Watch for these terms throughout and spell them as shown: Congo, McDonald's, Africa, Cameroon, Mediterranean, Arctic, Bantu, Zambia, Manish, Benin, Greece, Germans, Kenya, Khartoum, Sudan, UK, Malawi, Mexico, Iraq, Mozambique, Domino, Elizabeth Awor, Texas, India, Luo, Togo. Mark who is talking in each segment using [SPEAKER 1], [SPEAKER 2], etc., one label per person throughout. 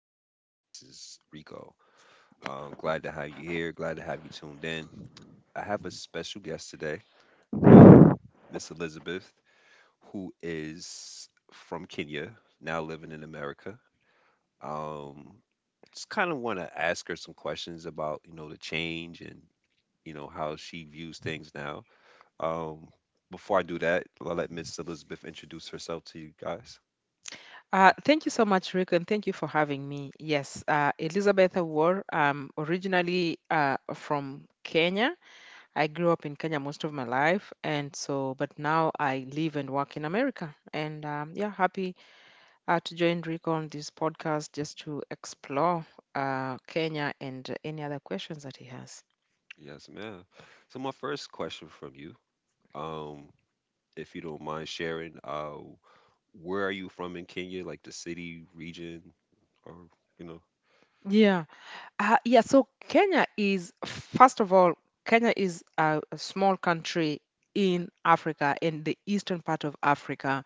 [SPEAKER 1] podcast. This is Rico. Glad to have you here. Glad to have you tuned in. I have a special guest today, uh, Miss Elizabeth, who is from Kenya, now living in America. Um, just kind of want to ask her some questions about, you know, the change and how she views things now. Um, Before I do that, I'll let Miss Elizabeth introduce herself to you guys.
[SPEAKER 2] Thank you so much, Rick, and thank you for having me. Yes, Elizabeth Awor, originally from Kenya. I grew up in Kenya most of my life, and so, but now I live and work in America. And yeah, happy to join Rick on this podcast just to explore Kenya and any other questions that he has.
[SPEAKER 1] Yes, ma'am. So my first question from you. Um, if you don't mind sharing. Where are you from in Kenya? Like the city, region, or you know?
[SPEAKER 2] Yeah. Yeah. So Kenya is, first of all, Kenya is a small country in Africa, in the eastern part of Africa.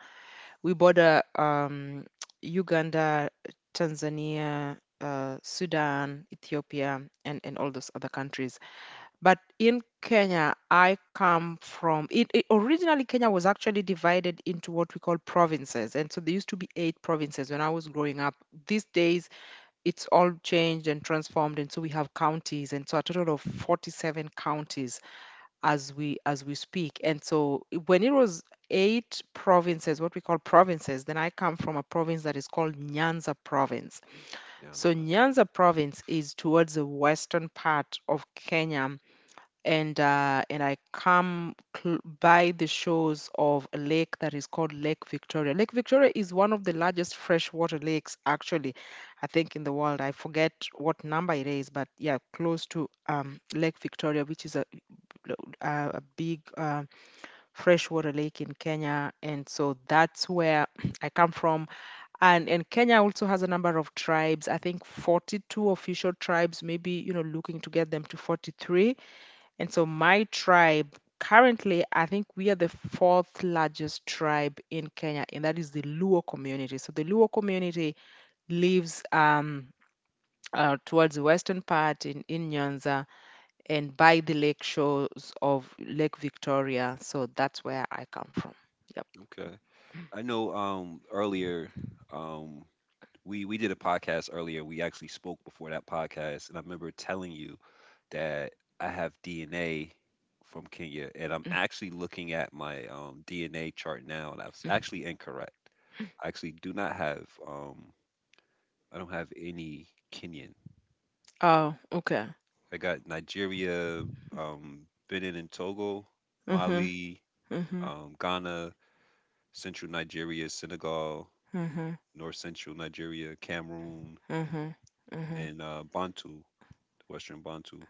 [SPEAKER 2] We border Uganda, Tanzania, Sudan, Ethiopia, and all those other countries. But in Kenya, I come from it, it- Originally, Kenya was actually divided into what we call provinces, and so there used to be eight provinces when I was growing up. These days, it's all changed and transformed, and so we have counties, and so a total of 47 counties as we speak. And so, when it was eight provinces, what we call provinces, then I come from a province that is called Nyanza Province.
[SPEAKER 1] Yeah.
[SPEAKER 2] So Nyanza Province is towards the western part of Kenya, and I come by the shores of a lake that is called Lake Victoria. Lake Victoria is one of the largest freshwater lakes, actually, I think, in the world. I forget what number it is, but yeah, close to Lake Victoria, which is a lo- a big freshwater lake in Kenya, and so that's where I come from. And Kenya also has a number of tribes. I think 42 official tribes, maybe, you know, looking to get them to 43. And so my tribe. Currently, I think we are the fourth largest tribe in Kenya, and that is the Luo community. So the Luo community lives towards the western part in Nyanza, and by the lake shores of Lake Victoria. So that's where I come from. Yep.
[SPEAKER 1] Okay. I know. Earlier, um, we did a podcast earlier. We actually spoke before that podcast, and I remember telling you that I have DNA from Kenya, and I'm actually looking at my DNA chart now, and I was actually incorrect. I actually do not have. I don't have any Kenyan.
[SPEAKER 2] Oh, okay.
[SPEAKER 1] I got Nigeria, Benin and Togo,
[SPEAKER 2] Mhm.
[SPEAKER 1] Mali,
[SPEAKER 2] Mhm.
[SPEAKER 1] Ghana, Central Nigeria, Senegal,
[SPEAKER 2] Mhm.
[SPEAKER 1] North Central Nigeria, Cameroon,
[SPEAKER 2] Mhm. Mhm.
[SPEAKER 1] and Bantu, Western Bantu.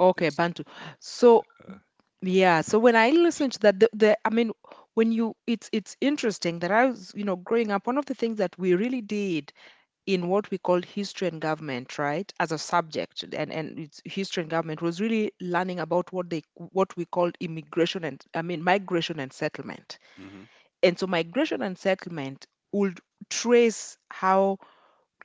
[SPEAKER 2] Okay,
[SPEAKER 1] This.
[SPEAKER 2] Bantu. So
[SPEAKER 1] uh,
[SPEAKER 2] yeah, so when I listen to that, the I mean, when you, it's interesting that I was, growing up, one of the things that we really did in what we called history and government, right, as a subject, and it's history and government was really learning about what we called immigration and, I mean, migration and settlement.
[SPEAKER 1] hmm
[SPEAKER 2] And so migration and settlement would trace how,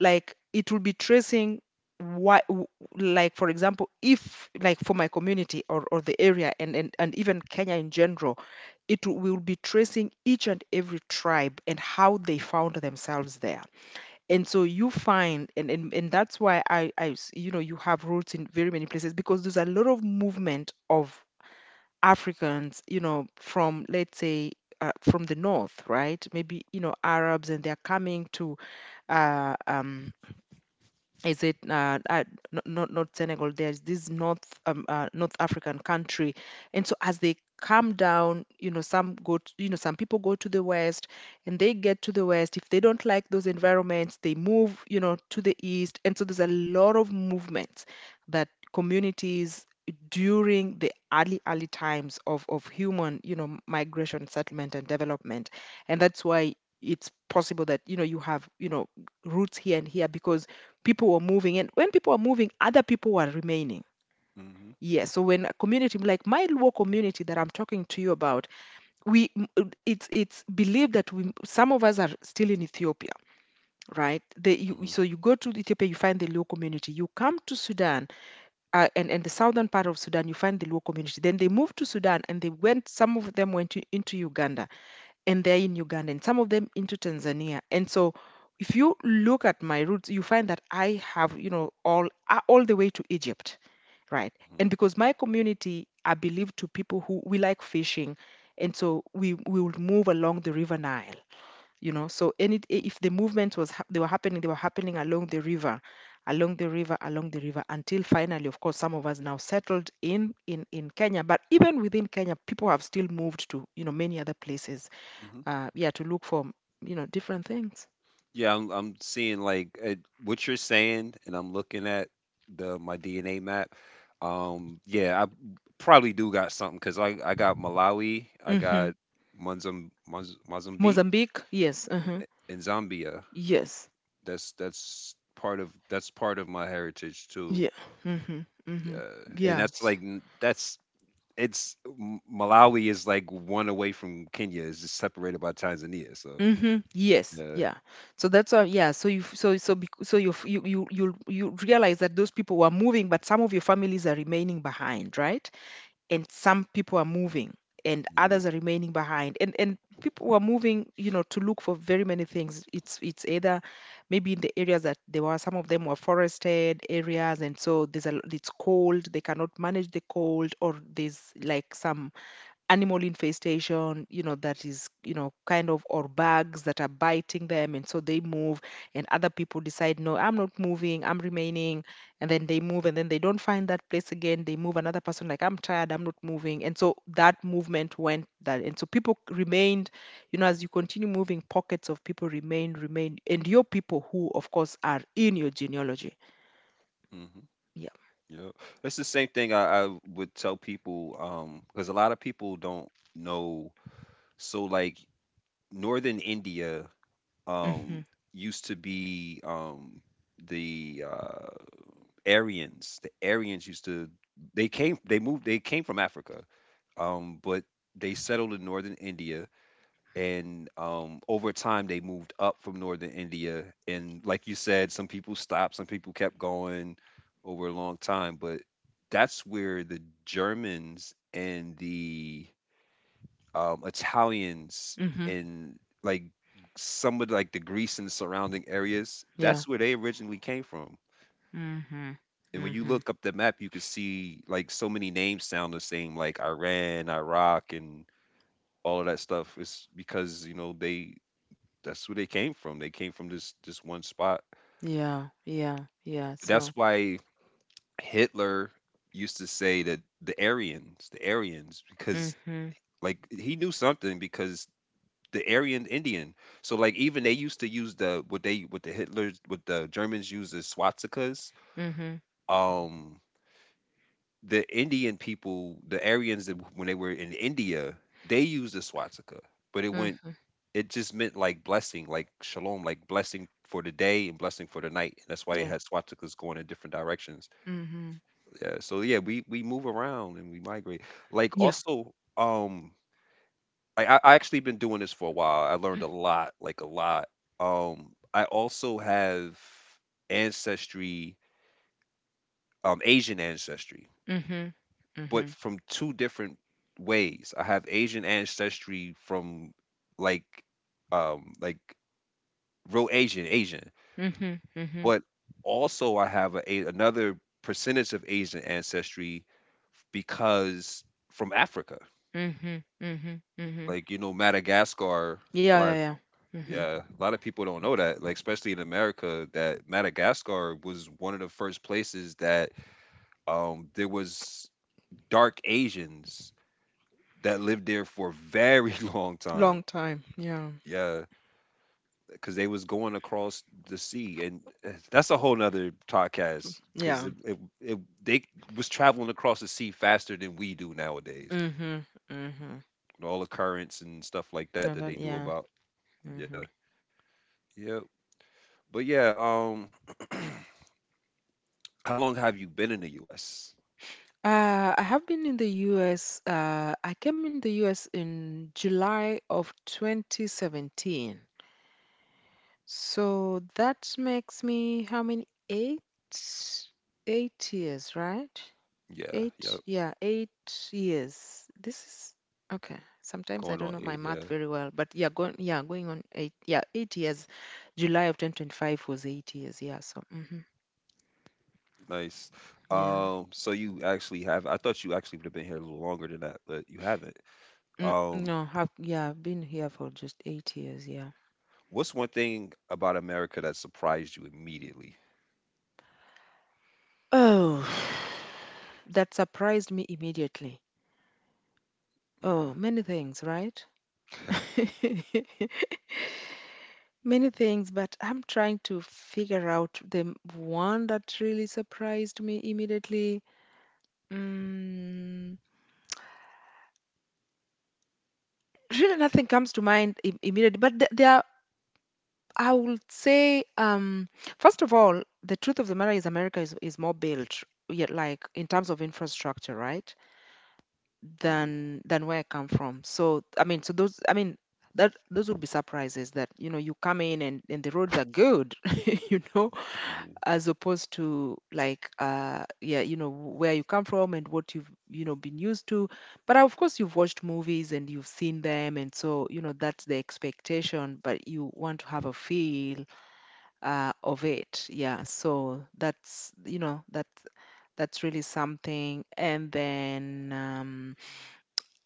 [SPEAKER 2] like it will be tracing why like, for example, if like for my community, or the area, and even Kenya in general, it will we will be tracing each and every tribe and how they found themselves there. And so you find, and that's why you know you have roots in very many places because there's a lot of movement of Africans, from let's say from the north, right? Maybe you know Arabs, and they're coming to uh, um, is it not Senegal, there's this North North African country. And so as they come down, some people go to the west, and they get to the west. If they don't like those environments, they move, to the east, and so there's a lot of movements that communities, during the early times of human, migration, settlement, and development. And that's why it's possible that you know you have, roots here and here, because people were moving, and when people were moving, other people were remaining.
[SPEAKER 1] hmm
[SPEAKER 2] Yes, so when a community like my Luo community that I'm talking to you about, it's believed that we some of us are still in Ethiopia. Right,
[SPEAKER 1] hmm
[SPEAKER 2] so you go to Ethiopia, you find the Luo community, you come to Sudan, and the southern part of Sudan you find the Luo community, then they moved to Sudan, and they went, some of them went into Uganda. And they're in Uganda, and some of them into Tanzania. And so if you look at my roots, you find that I have, you know, all the way to Egypt, right?
[SPEAKER 1] hmm
[SPEAKER 2] And because my community are believed to people who we like fishing, and so we would move along the River Nile, you know. So any if the movement was hap- they were happening along the river, along the river, along the river, until finally, of course, some of us now settled in Kenya. But even within Kenya, people have still moved to, you know, many other places,
[SPEAKER 1] hmm
[SPEAKER 2] yeah, to look for, you know, different things.
[SPEAKER 1] Yeah, I'm seeing like what you're saying, and I'm looking at the my DNA map. Yeah, I probably do got something because I got Malawi, I
[SPEAKER 2] Hmm.
[SPEAKER 1] got Mozambique,
[SPEAKER 2] Mozambique, yes, uh-huh.
[SPEAKER 1] and Zambia.
[SPEAKER 2] Yes,
[SPEAKER 1] That's part of my heritage too.
[SPEAKER 2] yeah. Hmm. Hmm.
[SPEAKER 1] Yeah, and that's
[SPEAKER 2] Yes.
[SPEAKER 1] like n- that's it's Malawi is like one away from Kenya. It's just separated by Tanzania. So
[SPEAKER 2] Mm-hmm. Yes.
[SPEAKER 1] yeah.
[SPEAKER 2] Yeah. So that's why. Yeah. So you. You realize that those people were moving, but some of your families are remaining behind, right? And some people are moving, and
[SPEAKER 1] Mm-hmm.
[SPEAKER 2] others are remaining behind, and people were moving, you know, to look for very many things. It's either maybe in the areas that there were, some of them were forested areas, and so there's a, it's cold, they cannot manage the cold, or there's like some animal infestation, you know, that is, you know, kind of, or bugs that are biting them, and so they move. And other people decide, no, I'm not moving, I'm remaining. And then they move, and then they don't find that place again, they move, another person like, I'm tired, I'm not moving, and so that movement went that, and so people remained. You know, as you continue moving, pockets of people remain, and your people who of course are in your genealogy.
[SPEAKER 1] Mm-hmm.
[SPEAKER 2] Yeah.
[SPEAKER 1] Yeah, it's the same thing I would tell people because a lot of people don't know. So like northern India um
[SPEAKER 2] Mhm.
[SPEAKER 1] used to be the Aryans. The Aryans used to, they came from Africa, but they settled in northern India, and over time they moved up from northern India. And like you said, some people stopped, some people kept going over a long time. But that's where the Germans and the Italians
[SPEAKER 2] Mhm.
[SPEAKER 1] and like some of like the Greece and surrounding areas,
[SPEAKER 2] Yeah.
[SPEAKER 1] that's where they originally came from.
[SPEAKER 2] Mhm.
[SPEAKER 1] And when you
[SPEAKER 2] Mhm.
[SPEAKER 1] look up the map, you can see like so many names sound the same, like Iran, Iraq, and all of that stuff. It's because you know they that's where they came from. They came from this one spot.
[SPEAKER 2] Yeah, yeah, yeah. So.
[SPEAKER 1] That's why Hitler used to say that the Aryans, because
[SPEAKER 2] Mhm.
[SPEAKER 1] like he knew something because the Aryan Indian. So like even they used to use the what the Hitlers, what the Germans used as swastikas.
[SPEAKER 2] Mhm.
[SPEAKER 1] Um, the Indian people, the Aryans, that when they were in India, they used the swastika, but it went.
[SPEAKER 2] Mhm.
[SPEAKER 1] It just meant like blessing, like shalom, like blessing for the day and blessing for the night. And that's why they
[SPEAKER 2] Yeah.
[SPEAKER 1] had swastikas going in different directions.
[SPEAKER 2] Mhm.
[SPEAKER 1] Yeah. So yeah, we move around and we migrate. Like
[SPEAKER 2] Yeah.
[SPEAKER 1] also, I I actually been doing this for a while. I learned a lot, like a lot. I also have ancestry, Asian ancestry,
[SPEAKER 2] Mhm.
[SPEAKER 1] but
[SPEAKER 2] Mhm.
[SPEAKER 1] from two different ways. I have Asian ancestry from like um like real Asian Asian.
[SPEAKER 2] Mhm. Mhm.
[SPEAKER 1] But also I have a, another percentage of Asian ancestry because from Africa,
[SPEAKER 2] Mhm. Mhm. Mhm.
[SPEAKER 1] like you know Madagascar.
[SPEAKER 2] Yeah,
[SPEAKER 1] A lot
[SPEAKER 2] yeah,
[SPEAKER 1] of,
[SPEAKER 2] yeah. Mhm.
[SPEAKER 1] yeah, a lot of people don't know that, like especially in America, that Madagascar was one of the first places that there was dark Asians that lived there for a very long time.
[SPEAKER 2] Long time. Yeah.
[SPEAKER 1] Yeah. Because they was going across the sea and that's a whole nother podcast because
[SPEAKER 2] Yeah.
[SPEAKER 1] they was traveling across the sea faster than we do nowadays.
[SPEAKER 2] Mhm. Mhm.
[SPEAKER 1] And all the currents and stuff like that
[SPEAKER 2] No,
[SPEAKER 1] that they
[SPEAKER 2] that,
[SPEAKER 1] knew
[SPEAKER 2] yeah.
[SPEAKER 1] about.
[SPEAKER 2] Mhm.
[SPEAKER 1] Yeah. Yeah. But yeah, how long have you been in the US?
[SPEAKER 2] I have been in the US. I came in the US in July of 2017. So that makes me how many? 8 years, right?
[SPEAKER 1] Yeah,
[SPEAKER 2] Eight,
[SPEAKER 1] yep.
[SPEAKER 2] yeah, 8 years. This is okay. Sometimes I
[SPEAKER 1] Going
[SPEAKER 2] don't
[SPEAKER 1] on
[SPEAKER 2] know my
[SPEAKER 1] 8,
[SPEAKER 2] math
[SPEAKER 1] yeah.
[SPEAKER 2] very well, but yeah, going on eight, yeah, 8 years. July of 2025 was 8 years. Yeah, so mhm,
[SPEAKER 1] Nice.
[SPEAKER 2] yeah,
[SPEAKER 1] So you actually have, I thought you actually would have been here a little longer than that, but you haven't.
[SPEAKER 2] mm,
[SPEAKER 1] um
[SPEAKER 2] no, I've been here for just 8 years. Yeah.
[SPEAKER 1] what's one thing about America that surprised you immediately?
[SPEAKER 2] Oh, that surprised me immediately.
[SPEAKER 1] Mm-hmm.
[SPEAKER 2] Oh, many things, right? Many things, but I'm trying to figure out the one that really surprised me immediately. Mm, really, nothing comes to mind immediately, but there, I would say, first of all, the truth of the matter is America is more built, yeah, like in terms of infrastructure, right,
[SPEAKER 1] Hmm.
[SPEAKER 2] than where I come from. So, I mean, so those, I mean, that those would be surprises, that you know you come in, and the roads are good, you know,
[SPEAKER 1] Hmm.
[SPEAKER 2] as opposed to like yeah, you know, where you come from and what you've, been used to. But of course you've watched movies and you've seen them, and so you know that's the expectation, but you want to have a feel of it. Yeah, so that's, that's really something. And then,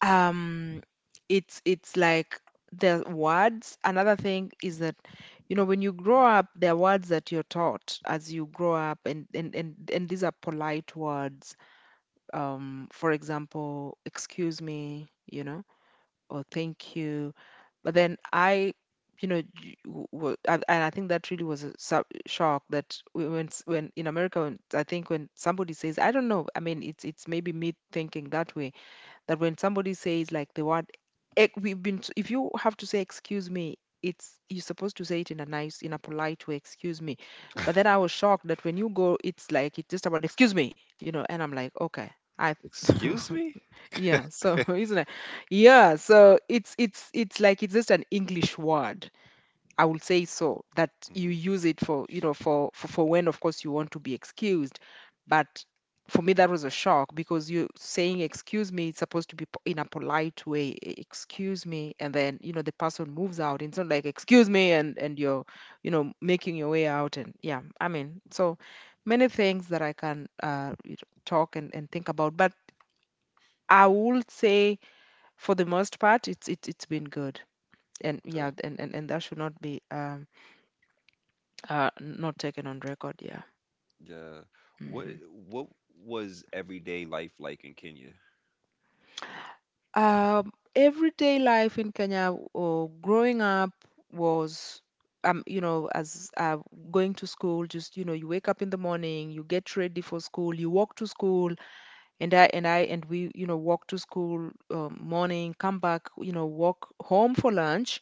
[SPEAKER 2] um it's like the words. Another thing is that, you know, when you grow up there are words that you're taught as you grow up, and these are polite words, for example, excuse me, you know, or thank you. But
[SPEAKER 1] Hmm.
[SPEAKER 2] then I you know j- w- w- and I think that really was a shock, that when in America, I think when somebody says, I don't know, I mean, it's maybe me thinking that way, that when somebody says, like, the word if you have to say excuse me, it's you're supposed to say it in a nice, in a polite way, excuse me. But then I was shocked that when you go, it's just about excuse me, you know, and I'm like, okay, I.
[SPEAKER 1] Excuse me?
[SPEAKER 2] Yeah, so isn't it. Yeah, so it's like, it's just an English word, I would say, so that you
[SPEAKER 1] Hmm.
[SPEAKER 2] use it for, you know, for when of course you want to be excused. But for me that was a shock because you saying excuse me, it's supposed to be in a polite way, excuse me, and then, you know, the person moves out, it's not like, excuse me, and you're, you know, making your way out. And yeah, I mean, so many things that I can, you know, talk and think about. But I would say for the most part it's been Good. And yeah
[SPEAKER 1] Okay.
[SPEAKER 2] and that should not be uh, not taken on record, yeah.
[SPEAKER 1] Yeah. What
[SPEAKER 2] Hmm.
[SPEAKER 1] what was everyday life like in Kenya?
[SPEAKER 2] Everyday life in Kenya or growing up was, you know, as going to school, just, you know, you wake up in the morning, you get ready for school, you walk to school, and we, you know, walk to school morning, come back, you know, walk home for lunch,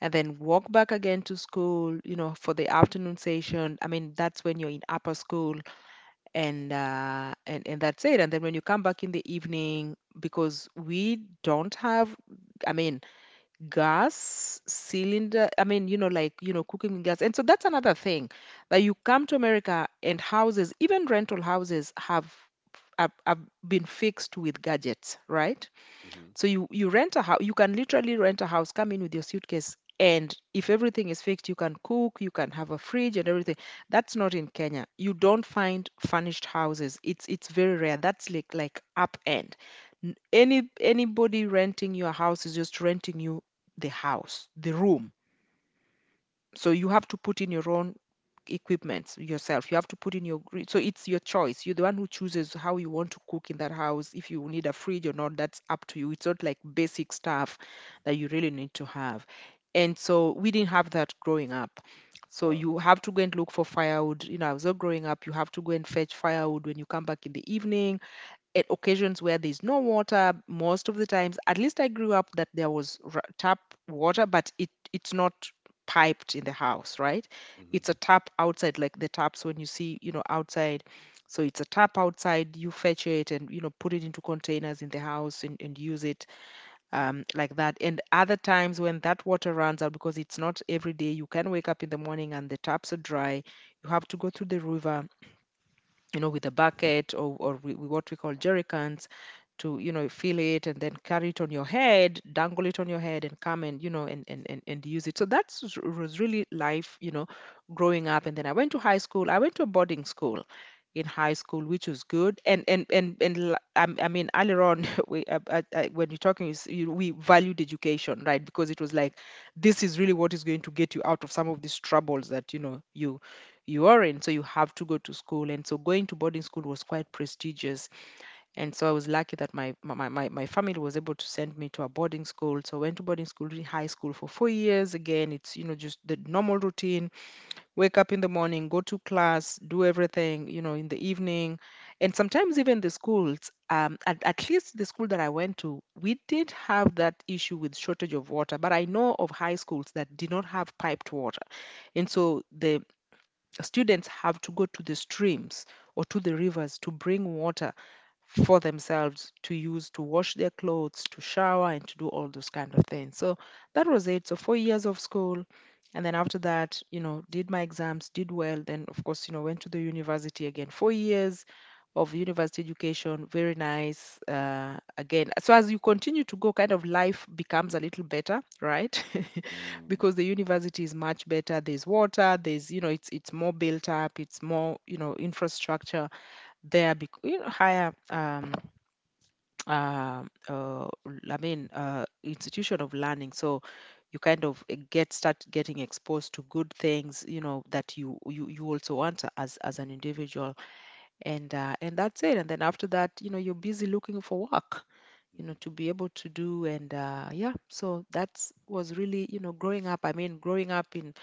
[SPEAKER 2] and then walk back again to school, you know, for the afternoon session. I mean, that's when you're in upper school and that's it. And then when you come back in the evening, because we don't have, I mean, gas cylinder, I mean, you know, like, you know, cooking with gas, and so that's another thing that you come to America and houses, even rental houses, have have been fixed with gadgets, right?
[SPEAKER 1] Hmm.
[SPEAKER 2] So you rent a house. You can literally rent a house, come in with your suitcase, and if everything is fixed, you can cook, you can have a fridge and everything. That's not in Kenya. You don't find furnished houses. It's very rare. That's like up end. Any anybody renting your house is just renting you the house, the room. So you have to put in your own equipment yourself. You have to put in your so it's your choice. You're the one who chooses how you want to cook in that house. If you need a fridge or not, that's up to you. It's not like basic stuff that you really need to have. And so we didn't have that growing up. So
[SPEAKER 1] Wow.
[SPEAKER 2] you have to go and look for firewood. You know, I was all growing up, you have to go and fetch firewood when you come back in the evening, at occasions where there's no water most of the times. At least I grew up that there was tap water, but it it's not piped in the house, right?
[SPEAKER 1] Hmm.
[SPEAKER 2] It's a tap outside, like the taps when you see, you know, outside. So it's a tap outside, you fetch it and, you know, put it into containers in the house and use it,
[SPEAKER 1] Hmm.
[SPEAKER 2] like that. And other times when that water runs out, because it's not every day, you can wake up in the morning and the taps are dry, you have to go to the river, you know, with a bucket, or what we call jerrycans, to, you know, fill it and then carry it on your head, dangle it on your head and come and, you know, and use it. So that was really life, you know, growing up. And then I went to high school. I went to a boarding school in high school, which was good. And, and I mean, earlier on, we, when you're talking, is you, we valued education, right? Because it was like, this is really what is going to get you out of some of these troubles that, you know, you are in, so you have to go to school. And so going to boarding school was quite prestigious. And so I was lucky that my family was able to send me to a boarding school. So I went to boarding school in high school for 4 years. Again, it's, you know, just the normal routine. Wake up in the morning, go to class, do everything, you know, in the evening. And sometimes even the schools, at least the school that I went to, we did have that issue with shortage of water. But I know of high schools that did not have piped water. And so the students have to go to the streams or to the rivers to bring water for themselves, to use, to wash their clothes, to shower, and to do all those kind of things. So that was it. So 4 years of school, and then after that, you know, did my exams, did well. Then, of course, you know, went to the university again. 4 years of university education, very nice. Again, so as you continue to go, kind of life becomes a little better, right?
[SPEAKER 1] Mm-hmm.
[SPEAKER 2] Because the university is much better. There's water. There's, you know, it's more built up. It's more, you know, infrastructure, there be, you know, higher uh, uh institution of learning. So you kind of get, start getting exposed to good things, you know, that you also want as an individual. And and that's it. And then after that, you know, you're busy looking for work, you know,
[SPEAKER 1] Hmm.
[SPEAKER 2] to be able to do. And yeah, so that's was really, you know, growing up. I mean, growing up in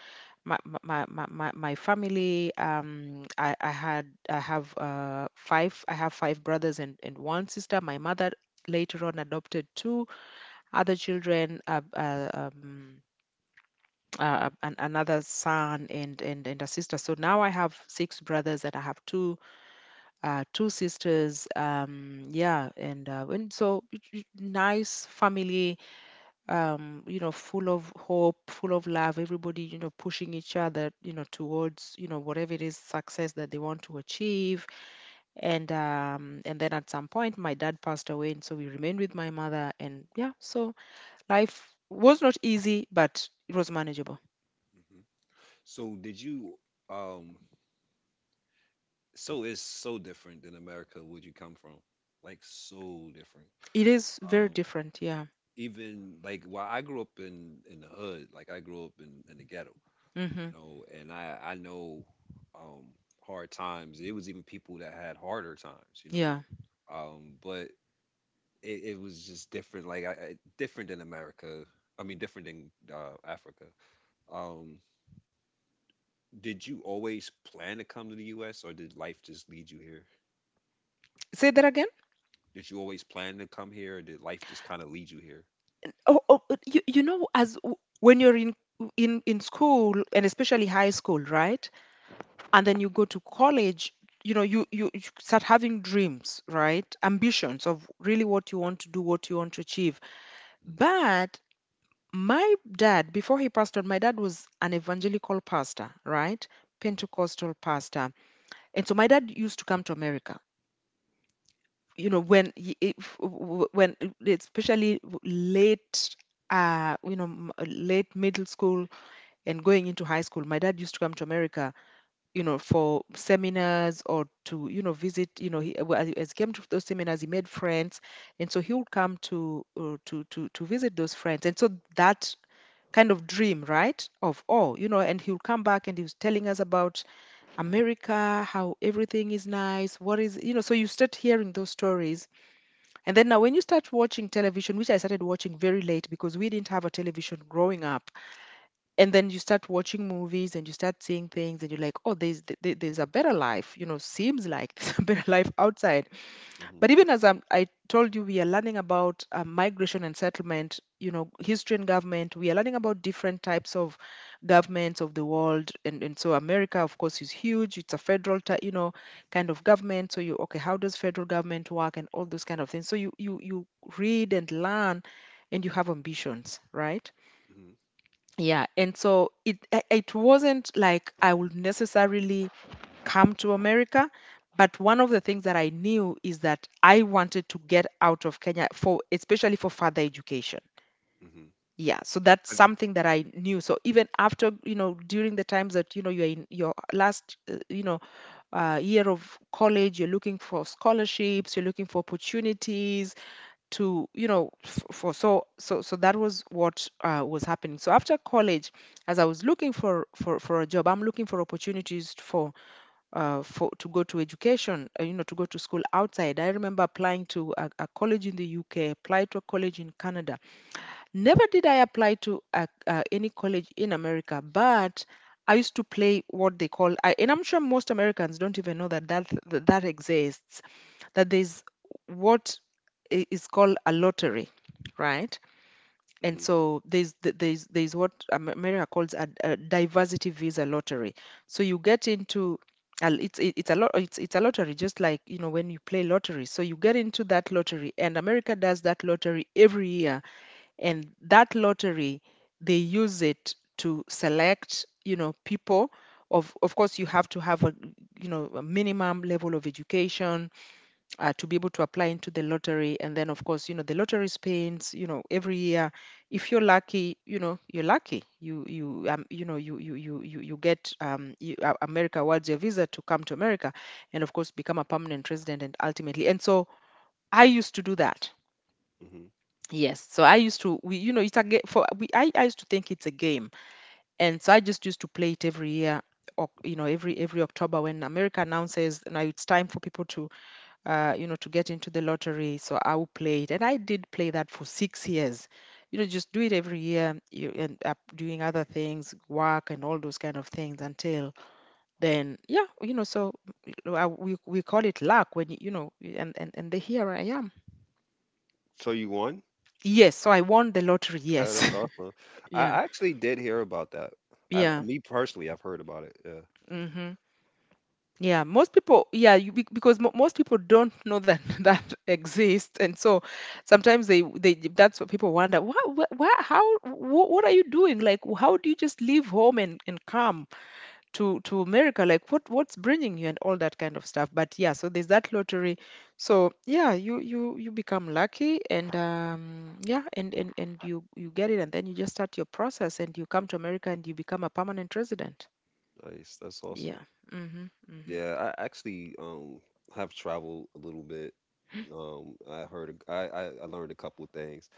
[SPEAKER 2] my family, I had I have five I have five brothers and one sister. My mother later on adopted two other children, another son, and a sister. So now I have six brothers and I have two sisters, yeah. And and so nice family, you know, full of hope, full of love, everybody, you know, pushing each other, you know, towards, you know, whatever it is success that they want to achieve. And and then at some point my dad passed away, and so we remained with my mother. And yeah, so life was not easy, but it was manageable.
[SPEAKER 1] So did you, um so it's so different than America where you come from. Like so different.
[SPEAKER 2] It is very
[SPEAKER 1] Um
[SPEAKER 2] different, yeah.
[SPEAKER 1] even like while I grew up in the hood, like I grew up in the ghetto.
[SPEAKER 2] Hmm.
[SPEAKER 1] You know, and I know, um hard times. It was even people that had harder times, you know.
[SPEAKER 2] Yeah.
[SPEAKER 1] But it, it was just different, like I different than America. I mean, different than Africa. Um, did you always plan to come to the U.S. or did life just lead you here?
[SPEAKER 2] Say that again?
[SPEAKER 1] Did you always plan to come here, or did life just kind of lead you here?
[SPEAKER 2] Oh, you, you know, as when you're in in school, and especially high school, right? And then you go to college, you know, you start having dreams, right? Ambitions of really what you want to do, what you want to achieve.
[SPEAKER 1] Hmm.
[SPEAKER 2] But my dad, before he passed on, my dad was an evangelical pastor, right? Pentecostal pastor. And so my dad used to come to America, you know, when he, if, when, especially late, you know, late middle school and going into high school, my dad used to come to America, you know, for seminars or to, you know, visit. You know, he, well, as he came to those seminars, he made friends. And so he would come to, to visit those friends. And so that kind of dream, right? Of, oh, you know, and he would come back and he was telling us about America, how everything is nice, what is, you know. So you start hearing those stories. And then now when you start watching television, which I started watching very late because we didn't have a television growing up, and then you start watching movies and you start seeing things, and you're like, oh, there's there's a better life, you know, seems like there's a better life outside.
[SPEAKER 1] Hmm.
[SPEAKER 2] But even as I told you, we are learning about migration and settlement, you know, history and government. We are learning about different types of governments of the world, and so America, of course, is huge. It's a you know, kind of government. So you, okay, how does federal government work and all those kind of things. So you read and learn, and you have ambitions, right?
[SPEAKER 1] Hmm.
[SPEAKER 2] Yeah, and so it wasn't like I would necessarily come to America, but one of the things that I knew is that I wanted to get out of Kenya for, especially for, further education.
[SPEAKER 1] Hmm. Hmm.
[SPEAKER 2] Yeah, so that's
[SPEAKER 1] Have,
[SPEAKER 2] something that I knew. So even after, you know, during the times that, you know, you're in your last, you know, year of college, you're looking for scholarships, you're looking for opportunities, to, you know, for, so that was what was happening. So after college, as I was looking for for a job, I'm looking for opportunities for to go to education, you know, to go to school outside. I remember applying to a college in the UK, applied to a college in Canada. Never did I apply to a, any college in America. But I used to play what they call, I, and I'm sure most Americans don't even know that that exists. That there's what is called a lottery, right? And
[SPEAKER 1] hmm.
[SPEAKER 2] so there's there's what America calls a diversity visa lottery. So you get into a, it's a lot it's a lottery, just like, you know, when you play lottery. So you get into that lottery, and America does that lottery every year, and that lottery, they use it to select, you know, people. Of course you have to have a, you know, a minimum level of education, to be able to apply into the lottery. And then, of course, you know, the lottery spins, you know, every year. If you're lucky, you know, you're lucky. You know, you get you, America awards your visa to come to America and, of course, become a permanent resident and ultimately. And so I used to do that.
[SPEAKER 1] Hmm.
[SPEAKER 2] Yes, so I used to, we, you know, it's a game for we. I used to think it's a game, and so I just used to play it every year, or you know, every October when America announces now it's time for people to, you know, to get into the lottery. So I will play it. And I did play that for 6 years. You know, just do it every year. You end up doing other things, work, and all those kind of things until then, yeah, you know, so we, call it luck when, you know, and the here I am.
[SPEAKER 1] So you won?
[SPEAKER 2] Yes. So I won the lottery.
[SPEAKER 1] Yeah, that's
[SPEAKER 2] Yes.
[SPEAKER 1] awesome.
[SPEAKER 2] Yeah.
[SPEAKER 1] I actually did hear about that. I,
[SPEAKER 2] Yeah.
[SPEAKER 1] me personally, I've heard about it. Yeah,
[SPEAKER 2] Hmm. Yeah, most people, yeah, you, because mo most people don't know that that exists, and so sometimes they that's what people wonder. What are you doing? Like, how do you just leave home and come to America? Like, what's bringing you and all that kind of stuff. But yeah, so there's that lottery. So yeah, you you become lucky, and yeah, and you get it, and then you just start your process, and you come to America, and you become a permanent resident.
[SPEAKER 1] nice. That's awesome.
[SPEAKER 2] Yeah. Mm-hmm. Mm-hmm.
[SPEAKER 1] Yeah, I actually have traveled a little bit. I heard, I I learned a couple of things.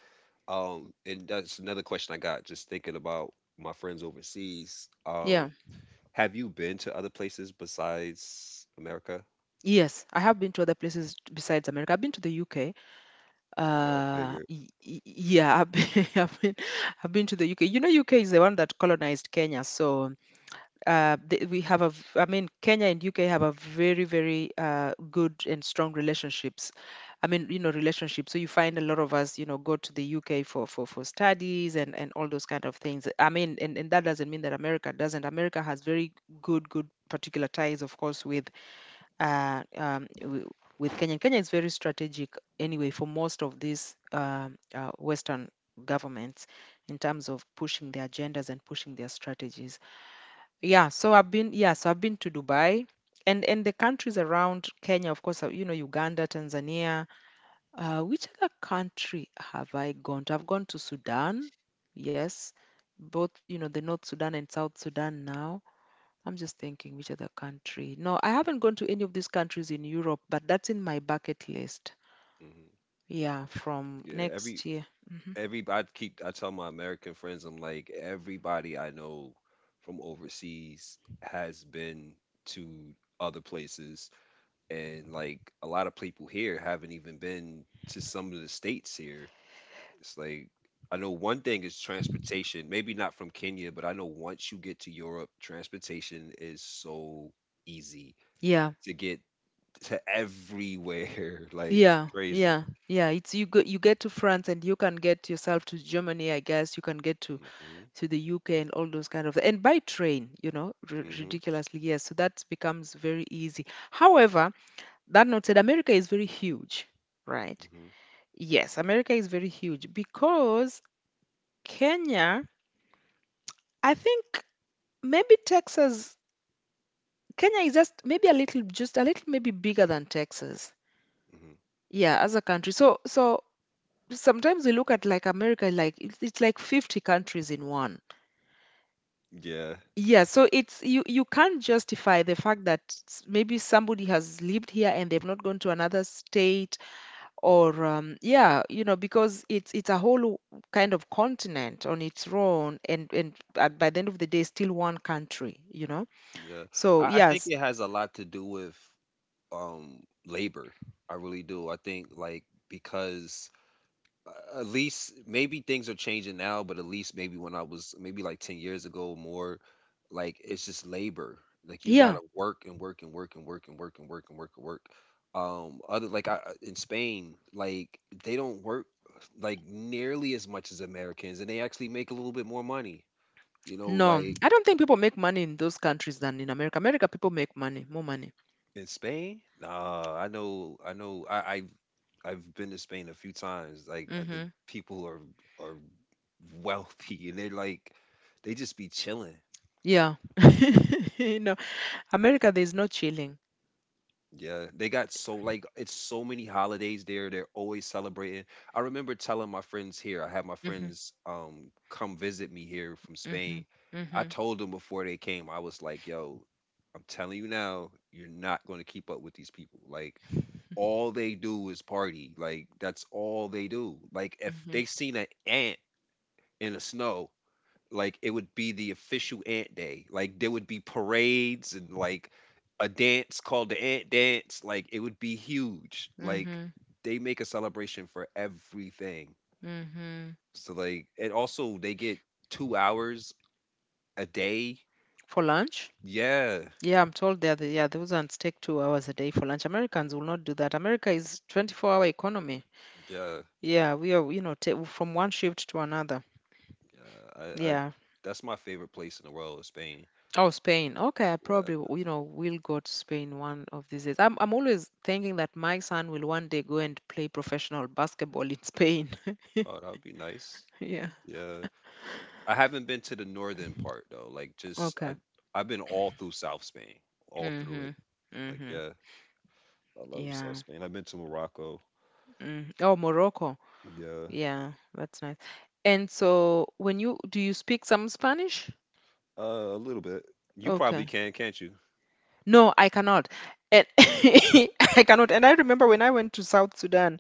[SPEAKER 1] And that's another question I got just thinking about my friends overseas.
[SPEAKER 2] Yeah.
[SPEAKER 1] Have you been to other places besides America?
[SPEAKER 2] Yes, I have been to other places besides America. I've been to the UK.
[SPEAKER 1] Yeah, I figured.
[SPEAKER 2] Yeah, I've been, I've been to the UK. You know, UK is the one that colonized Kenya. So, th we have a, I mean, Kenya and UK have a very good and strong relationships. I mean, you know, relationships. So you find a lot of us, you know, go to the UK for studies and all those kind of things. I mean, and that doesn't mean that America doesn't. America has very good particular ties, of course, with uh, um, w- with Kenya. Kenya is very strategic anyway for most of these Western governments in terms of pushing their agendas and pushing their strategies. Yeah, so I've been to Dubai. And the countries around Kenya, of course, you know, Uganda, Tanzania. Which other country have I gone to? I've gone to Sudan, yes, both, you know, the North Sudan and South Sudan now. I'm just thinking which other country. No, I haven't gone to any of these countries in Europe, but that's in my bucket list.
[SPEAKER 1] Hmm.
[SPEAKER 2] Yeah, from
[SPEAKER 1] Yeah,
[SPEAKER 2] next
[SPEAKER 1] every
[SPEAKER 2] year. Hmm.
[SPEAKER 1] every I keep, I tell my American friends, I'm like, everybody I know from overseas has been to other places, and like a lot of people here haven't even been to some of the states here. It's like I know one thing is transportation, maybe not from Kenya, but I know once you get to Europe, transportation is so easy
[SPEAKER 2] Yeah.
[SPEAKER 1] to get to everywhere. Like it's
[SPEAKER 2] Yeah,
[SPEAKER 1] crazy.
[SPEAKER 2] yeah, yeah. It's you go, you get to France and you can get yourself to Germany, I guess. You can get
[SPEAKER 1] Mhm.
[SPEAKER 2] to the UK and all those kind of, and by train, you know, r
[SPEAKER 1] Mhm.
[SPEAKER 2] ridiculously, yes. So that becomes very easy. However, that not said, America is very huge, right?
[SPEAKER 1] Mhm.
[SPEAKER 2] Yes, America is very huge because Kenya, I think, maybe Texas, Kenya is just maybe a little, just a little, maybe bigger than Texas.
[SPEAKER 1] Mhm.
[SPEAKER 2] Yeah, as a country. So, so sometimes we look at like America, like it's like 50 countries in one.
[SPEAKER 1] Yeah.
[SPEAKER 2] Yeah, so it's you can't justify the fact that maybe somebody has lived here and they've not gone to another state or yeah, you know, because it's a whole kind of continent on its own and at, by the end of the day, still one country, you know.
[SPEAKER 1] Yeah,
[SPEAKER 2] So
[SPEAKER 1] I think
[SPEAKER 2] yes,
[SPEAKER 1] it has a lot to do with labor. I really do. I think like because at least maybe things are changing now, but at least maybe when I was maybe like 10 years ago or more, like it's just labor. Like you gotta
[SPEAKER 2] yeah.
[SPEAKER 1] work and work and work and work and work and work and work and work. Other like in Spain, like they don't work like nearly as much as Americans, and they actually make a little bit more money. You know,
[SPEAKER 2] No,
[SPEAKER 1] like.
[SPEAKER 2] I don't think people make money in those countries than in America. America, people make money, more money.
[SPEAKER 1] In Spain? Nah, I know, I've, been to Spain a few times. Like, I think
[SPEAKER 2] Hmm.
[SPEAKER 1] people are wealthy, and they're like, they just be chilling.
[SPEAKER 2] Yeah. You know, America, there's no chilling.
[SPEAKER 1] Yeah, they got so, like, it's so many holidays there. They're always celebrating. I remember telling my friends here. I had my
[SPEAKER 2] Hmm.
[SPEAKER 1] friends come visit me here from
[SPEAKER 2] Hmm.
[SPEAKER 1] Spain. I
[SPEAKER 2] Hmm.
[SPEAKER 1] told them before they came. I was like, yo, I'm telling you now, you're not going to keep up with these people. Like all they do is party. Like that's all they do. Like if
[SPEAKER 2] Hmm.
[SPEAKER 1] they seen an ant in the snow, like it would be the official ant day. Like there would be parades and like a dance called the ant dance. Like it would be huge. Like
[SPEAKER 2] Hmm.
[SPEAKER 1] they make a celebration for everything.
[SPEAKER 2] Hmm.
[SPEAKER 1] So like and also they get 2 hours a day.
[SPEAKER 2] For lunch?
[SPEAKER 1] Yeah.
[SPEAKER 2] Yeah, I'm told that, yeah, those ones take 2 hours a day for lunch. Americans will not do that. America is 24-hour economy.
[SPEAKER 1] Yeah.
[SPEAKER 2] Yeah, we are, you know, from one shift to another.
[SPEAKER 1] Yeah. I
[SPEAKER 2] Yeah.
[SPEAKER 1] that's my favorite place in the world is Spain.
[SPEAKER 2] Oh, Spain. Okay, I
[SPEAKER 1] Yeah.
[SPEAKER 2] probably, you know, will go to Spain one of these days. I'm always thinking that my son will one day go and play professional basketball in Spain.
[SPEAKER 1] Oh, that would be nice.
[SPEAKER 2] Yeah.
[SPEAKER 1] Yeah. I haven't been to the northern part though. Like just
[SPEAKER 2] Okay.
[SPEAKER 1] I've been all through South Spain, all through
[SPEAKER 2] Mm-hmm.
[SPEAKER 1] it. Like
[SPEAKER 2] Mm-hmm.
[SPEAKER 1] yeah, I love South
[SPEAKER 2] Yeah.
[SPEAKER 1] Spain. I've been to Morocco.
[SPEAKER 2] Mm. Oh, Morocco.
[SPEAKER 1] Yeah,
[SPEAKER 2] Yeah, that's nice. And so when you, do you speak some Spanish?
[SPEAKER 1] a little bit. You probably
[SPEAKER 2] Okay.
[SPEAKER 1] can, can't you?
[SPEAKER 2] No, I cannot. And I cannot. And I remember when I went to South Sudan,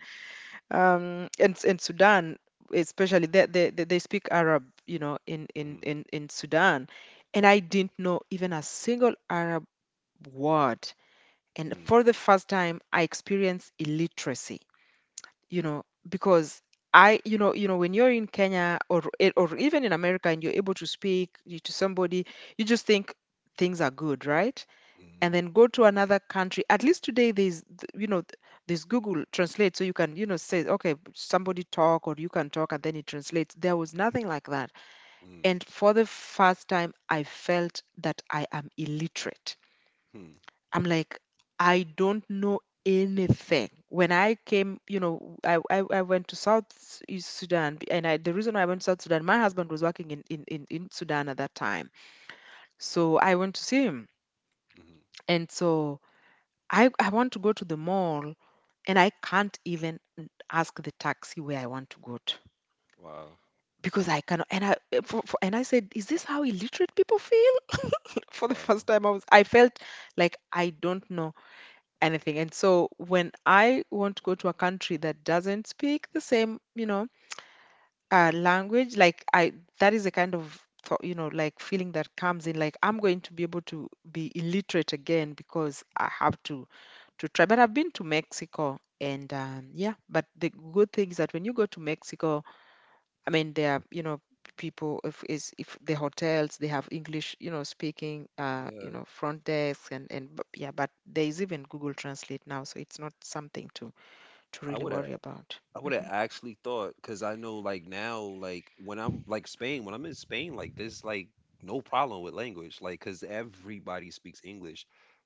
[SPEAKER 2] and in Sudan, especially they speak Arab, you know,
[SPEAKER 1] Mhm,
[SPEAKER 2] in Sudan, and I didn't know even a single Arab word. And
[SPEAKER 1] mm,
[SPEAKER 2] for the first time, I experienced illiteracy, you know, because I, you know, when you're in Kenya or even in America and you're able to speak to somebody, you just think things are good, right? And
[SPEAKER 1] mhm,
[SPEAKER 2] then go to another country, at least today there's you know there's Google Translate, so you can, you know, say, okay, somebody talk or you can talk and then it translates. There was nothing like that.
[SPEAKER 1] mm,
[SPEAKER 2] And for the first time I felt that I am illiterate.
[SPEAKER 1] hmm,
[SPEAKER 2] I'm like, I don't know anything. When I came, you know, I went to East Sudan, and I, the reason I went to South Sudan, my husband was working in, Sudan at that time. So I went to see him.
[SPEAKER 1] mhm.
[SPEAKER 2] And so I want to go to the mall, and I can't even ask the taxi where I want to go to,
[SPEAKER 1] Wow,
[SPEAKER 2] because I cannot. And I eh, and I said, is this how illiterate people feel? For the
[SPEAKER 1] wow.
[SPEAKER 2] first time, I felt like I don't know anything. And so when I want to go to a country that doesn't speak the same, you know, language, like I, that is a kind of thought, you know, like feeling that comes in, like I'm going to be able to be illiterate again because I have to try. But I've been to Mexico, and yeah, but the good thing is that when you go to Mexico, I mean, there are, you know, people, if the hotels, they have English, you know, speaking, you
[SPEAKER 1] Yeah,
[SPEAKER 2] know, front desk and yeah, but there is even Google Translate now, so it's not something to
[SPEAKER 1] I
[SPEAKER 2] really
[SPEAKER 1] would have.
[SPEAKER 2] worry about.
[SPEAKER 1] I would have actually thought because I know like now like when I'm in Spain like there's like no problem with language like because everybody speaks English,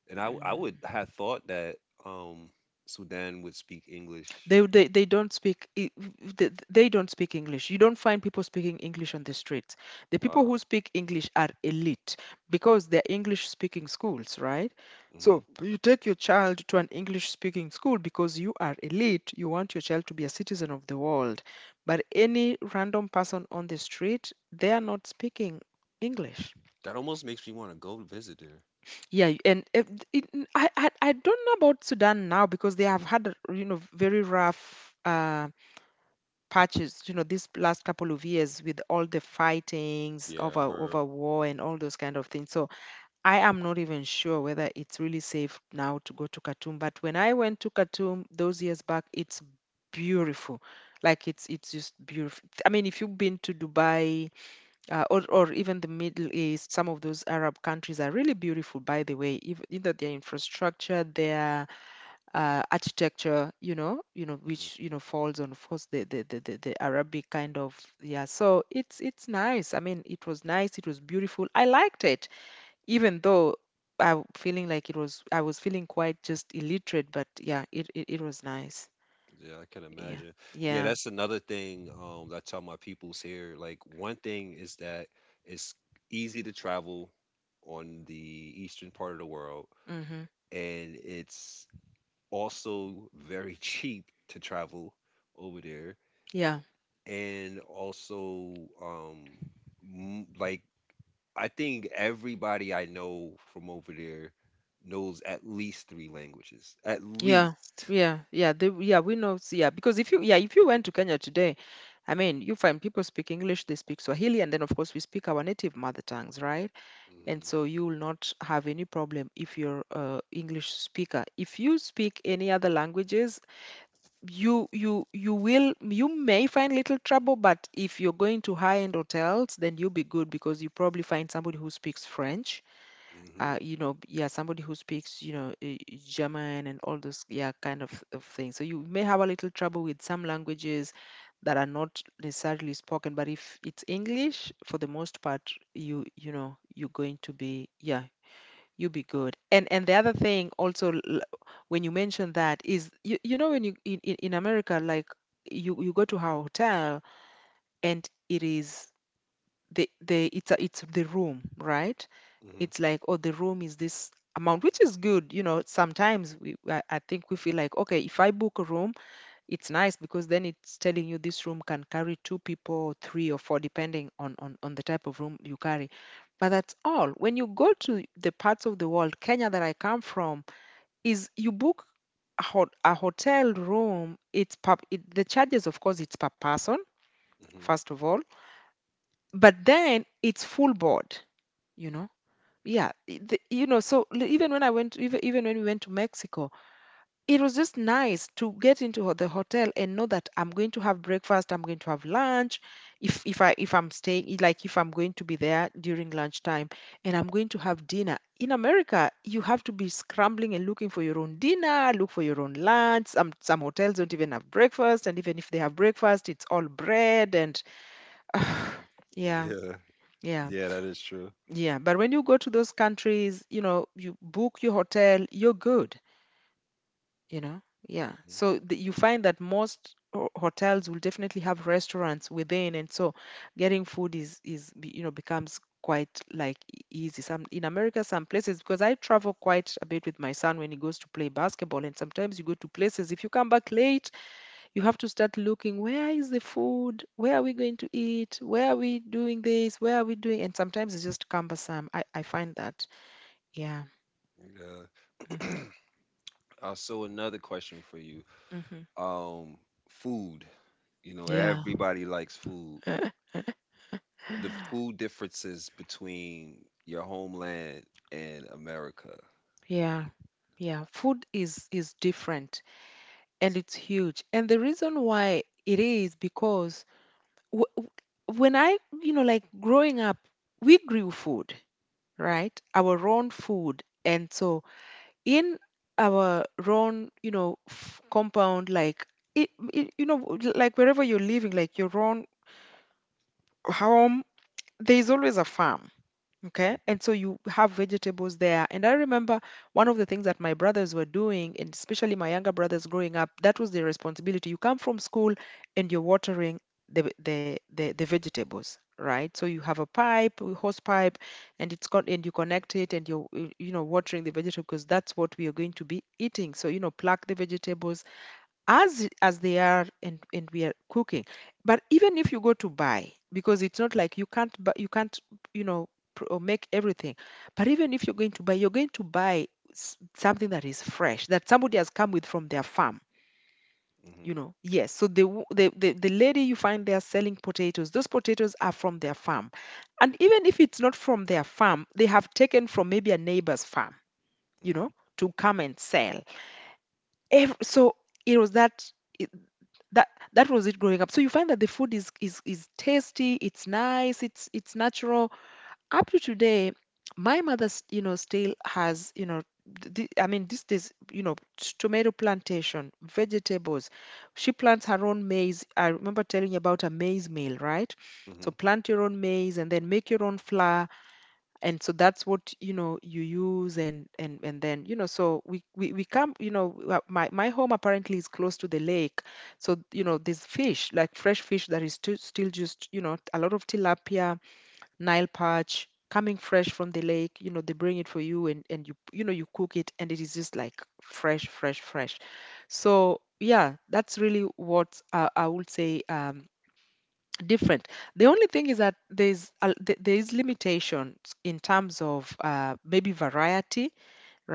[SPEAKER 1] and I would
[SPEAKER 2] Mhm.
[SPEAKER 1] have thought that um Sudan would speak English.
[SPEAKER 2] They don't speak they don't speak English. You don't find people speaking English on the streets. The people who
[SPEAKER 1] Wow.
[SPEAKER 2] speak English are elite because they're English speaking schools, right?
[SPEAKER 1] Hmm.
[SPEAKER 2] So you take your child to an English speaking school because you are elite. You want your child to be a citizen of the world. But any random person on the street, they are not speaking English.
[SPEAKER 1] That almost makes me want to go visit there.
[SPEAKER 2] Yeah, and if, it, n- I don't know about Sudan now because they have had a, you know, very rough, uh, patches, you know, this last couple of years with all the fightings
[SPEAKER 1] Yeah,
[SPEAKER 2] over
[SPEAKER 1] her.
[SPEAKER 2] war and all those kind of things. So I am not even sure whether it's really safe now to go to Khartoum. But when I went to Khartoum those years back, it's beautiful. Like it's just beautiful. I mean, if you've been to Dubai, or even the Middle East, some of those Arab countries are really beautiful. By the way, even either their infrastructure, their architecture, you know,
[SPEAKER 1] Hmm.
[SPEAKER 2] which you know falls on of course the Arabic kind of, yeah. So it's nice. I mean, it was nice. It was beautiful. I liked it, even though feeling like it was I was feeling quite just illiterate. But yeah, it was nice.
[SPEAKER 1] Yeah, I can
[SPEAKER 2] Yeah,
[SPEAKER 1] imagine. Yeah,
[SPEAKER 2] yeah,
[SPEAKER 1] that's another thing that I tell my peoples here. Like one thing is that it's easy to travel on the eastern part of the world,
[SPEAKER 2] mm-hmm.
[SPEAKER 1] and it's also very cheap to travel over there,
[SPEAKER 2] Yeah,
[SPEAKER 1] and also m- like I think everybody I know from over there knows at least 3 languages at
[SPEAKER 2] yeah.
[SPEAKER 1] least.
[SPEAKER 2] Yeah, yeah, they, yeah, we know, so yeah, because if you, yeah, if you went to Kenya today, I mean, you find people speak English, they speak Swahili, and then of course we speak our native mother tongues, right? And
[SPEAKER 1] Mhm.
[SPEAKER 2] so you will not have any problem if you're a english speaker. If you speak any other languages, you will, you may find little trouble, but if you're going to high end hotels, then you'll be good because you probably find somebody who speaks french.
[SPEAKER 1] Mhm.
[SPEAKER 2] You know, yeah, somebody who speaks, you know, german and all those, yeah, kind of things. So you may have a little trouble with some languages that are not necessarily spoken, but if it's english for the most part, you know, you're going to be, yeah, you'll be good. And the other thing also, when you mention that is, you know when you in, in America, like you go to a hotel and it is the, it's a, it's the room, right?
[SPEAKER 1] Mhm.
[SPEAKER 2] It's like, oh, the room is this amount, which is good. You know, sometimes we I think we feel like, okay, if I book a room, it's nice because then it's telling you this room can carry two people, three or four, depending on, on the type of room you carry. But that's all. When you go to the parts of the world, Kenya, that I come from, is you book a hotel room. The charges, of course, it's per person
[SPEAKER 1] Mhm.
[SPEAKER 2] first of all, but then it's full board. You know, yeah, I- the, you know. So even when I went, even when we went to Mexico, it was just nice to get into the hotel and know that I'm going to have breakfast, I'm going to have lunch, if I'm staying, like if I'm going to be there during lunchtime, and I'm going to have dinner. In America, you have to be scrambling and looking for your own dinner, look for your own lunch. Some hotels don't even have breakfast, and even if they have breakfast, it's all bread and
[SPEAKER 1] Mhm.
[SPEAKER 2] yeah.
[SPEAKER 1] Yeah,
[SPEAKER 2] Yeah,
[SPEAKER 1] yeah, that is true.
[SPEAKER 2] yeah. But when you go to those countries, you know, you book your hotel, you're good, you know. Yeah,
[SPEAKER 1] Mhm.
[SPEAKER 2] so you find that most hotels will definitely have restaurants within, and so getting food is you know, becomes quite like easy. Some in america, some places, because I travel quite a bit with my son when he goes to play basketball, and sometimes you go to places, if you come back late, you have to start looking, where is the food, where are we going to eat, where are we doing this, where are we doing. And sometimes it's just cumbersome, i find that. Yeah. Hmm.
[SPEAKER 1] Yeah. So another question for you.
[SPEAKER 2] Hmm.
[SPEAKER 1] um Food. You know
[SPEAKER 2] Yeah.
[SPEAKER 1] everybody likes food. The food differences between your homeland and America.
[SPEAKER 2] Yeah. Yeah, food is different, and it's huge. And the reason why it is because w w- when I, you know, like growing up, we grew food,
[SPEAKER 1] Mhm,
[SPEAKER 2] right? Our own food. And so in our own, you know, f compound, like you know, like wherever you're living, like your own home, there's always a farm. Okay. And so you have vegetables there. And I remember one of the things that my brothers were doing, and especially my younger brothers growing up, that was their responsibility. You come from school and you're watering the v- the vegetables, right? So you have a pipe, a hose pipe, and it's got, and you connect it, and you're you know, watering the vegetable, because that's what we are going to be eating. So, you know, pluck the vegetables as they are, and we are cooking. But even if you go to buy, because it's not like you can't buy, you can't, you know, or make everything, but even if you're going to buy, you're going to buy something that is fresh, that somebody has come with from their farm, you
[SPEAKER 1] mhm,
[SPEAKER 2] know. Yes, so the lady you find there selling potatoes, those potatoes are from their farm. And even if it's not from their farm, they have taken from maybe a neighbor's farm, you know,
[SPEAKER 1] mhm,
[SPEAKER 2] to come and sell. So it was that, that was it growing up. So you find that the food is is tasty, it's nice, it's natural. Up to today, my mother, you know, still has, you know, I mean, this days, you know, tomato plantation, vegetables. She plants her own maize. I remember telling you about a maize meal, right? So
[SPEAKER 1] mhm,
[SPEAKER 2] plant your own maize and then make your own flour. And so that's what, you know, you use. And and then, you know, so we come, you know, my home apparently is close to the lake. So you know, there's fish, like fresh fish, that is still just, you know, a lot of tilapia, nile perch, coming fresh from the lake. You know, they bring it for you, and you know, you cook it, and it is just like fresh, fresh, fresh. So yeah, that's really what, I would say, different. The only thing is that there's there is limitations in terms of, maybe variety,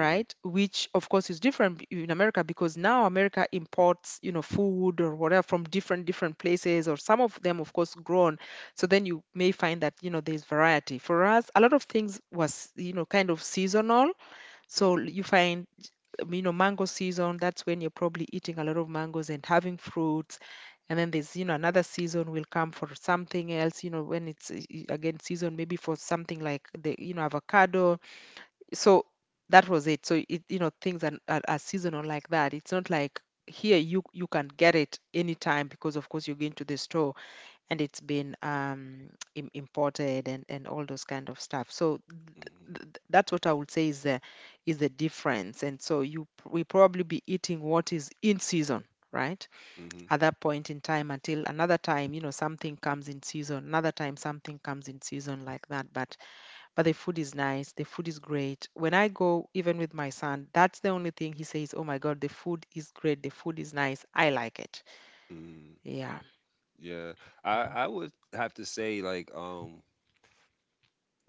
[SPEAKER 1] mhm,
[SPEAKER 2] Which of course is different in America, because now America imports, you know, food or whatever from different different places, or some of them of course grown. So then you may find that, you know, there's variety. For us, a lot of things was, you know, kind of seasonal. So
[SPEAKER 1] mhm,
[SPEAKER 2] you find, you know, mango season, that's when you're probably eating a lot of mangoes and having fruits. And then there's, you know, another season will come for something else, you know, when it's again season, maybe for something like, the, you know, avocado. So that was it. So it, you know, things are, are seasonal like that. It's not like here you can get it anytime, because of course you're going to the store and it's been, imported, and all those kind of stuff. So
[SPEAKER 1] mhm,
[SPEAKER 2] that's what I would say is the difference. And so you we probably be eating what is in season, right?
[SPEAKER 1] mhm,
[SPEAKER 2] At that point in time until another time, you know, something comes in season. Another time something comes in season like that. But the food is nice. The food is great. When I go, even with my son, that's the only thing he says. Oh my God, the food is great. The food is nice. I like it.
[SPEAKER 1] mhm.
[SPEAKER 2] Yeah.
[SPEAKER 1] Yeah,
[SPEAKER 2] Hmm.
[SPEAKER 1] I would have to say like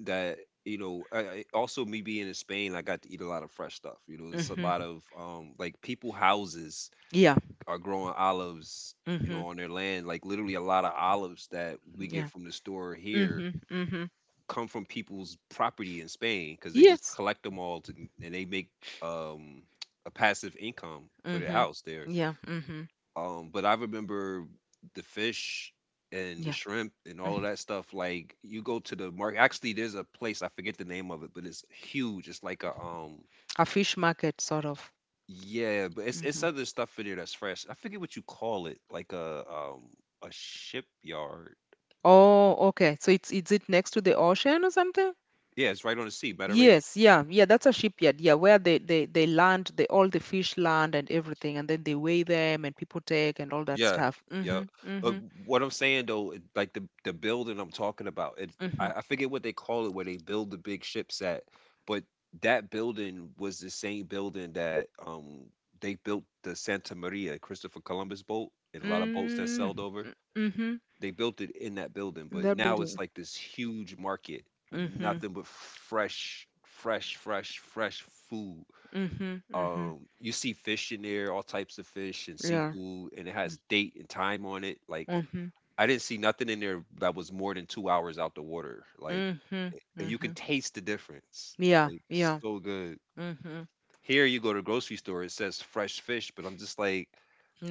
[SPEAKER 1] that you know also me being in Spain I got to eat a lot of fresh stuff. You know, it's a
[SPEAKER 2] Hmm.
[SPEAKER 1] lot of like people houses
[SPEAKER 2] Yeah.
[SPEAKER 1] are growing olives. You
[SPEAKER 2] Hmm.
[SPEAKER 1] know, on their land, like literally a lot of olives that we get
[SPEAKER 2] Yeah.
[SPEAKER 1] from the store here
[SPEAKER 2] Mm-hmm. Mm-hmm.
[SPEAKER 1] come from people's property in Spain because they just
[SPEAKER 2] Yes.
[SPEAKER 1] collect them all to, and they make um, a passive income for their
[SPEAKER 2] Mm-hmm.
[SPEAKER 1] house there.
[SPEAKER 2] Yeah. Mm-hmm.
[SPEAKER 1] But I remember the fish and the
[SPEAKER 2] Yeah.
[SPEAKER 1] shrimp and all of
[SPEAKER 2] Mhm.
[SPEAKER 1] that stuff. Like you go to the market. Actually, there's a place I forget the name of it, but it's huge. It's like a
[SPEAKER 2] A fish market sort of.
[SPEAKER 1] yeah, but it's
[SPEAKER 2] Mm-hmm.
[SPEAKER 1] other stuff in there that's fresh. I forget what you call it, like a shipyard.
[SPEAKER 2] Oh, okay. So it's, is it next to the ocean or something?
[SPEAKER 1] Yeah, it's right on the sea, Mediterranean.
[SPEAKER 2] Yes, yeah, yeah, that's a shipyard, yeah, where they, they land, they all the fish land and everything, and then they weigh them and people take and all that
[SPEAKER 1] Yeah,
[SPEAKER 2] stuff.
[SPEAKER 1] yeah.
[SPEAKER 2] Mm-hmm,
[SPEAKER 1] Uh,
[SPEAKER 2] mm-hmm,
[SPEAKER 1] what I'm saying though, like the building I'm talking about, it
[SPEAKER 2] mm-hmm,
[SPEAKER 1] I, I forget what they call it where they build the big ships at, but that building was the same building that they built the Santa Maria, Christopher Columbus boat, and a lot of boats that
[SPEAKER 2] mm,
[SPEAKER 1] sailed over.
[SPEAKER 2] mm-hmm.
[SPEAKER 1] They built it in that building,
[SPEAKER 2] In
[SPEAKER 1] but
[SPEAKER 2] that
[SPEAKER 1] now it's
[SPEAKER 2] building.
[SPEAKER 1] like this huge market with
[SPEAKER 2] Mm-hmm,
[SPEAKER 1] nothing but fresh, fresh, fresh, fresh food,
[SPEAKER 2] mm-hmm, mm-hmm.
[SPEAKER 1] you see fish in there, all types of fish and
[SPEAKER 2] Yeah.
[SPEAKER 1] seafood, and it has date and time on it. Like
[SPEAKER 2] Mm-hmm,
[SPEAKER 1] I didn't see nothing in there that was more than 2 hours out the water. Like
[SPEAKER 2] mm-hmm,
[SPEAKER 1] and you
[SPEAKER 2] mm-hmm.
[SPEAKER 1] can taste the difference.
[SPEAKER 2] Yeah,
[SPEAKER 1] Like it's
[SPEAKER 2] yeah.
[SPEAKER 1] so good.
[SPEAKER 2] Mm-hmm.
[SPEAKER 1] Here you go to grocery store, it says fresh fish, but I'm just like,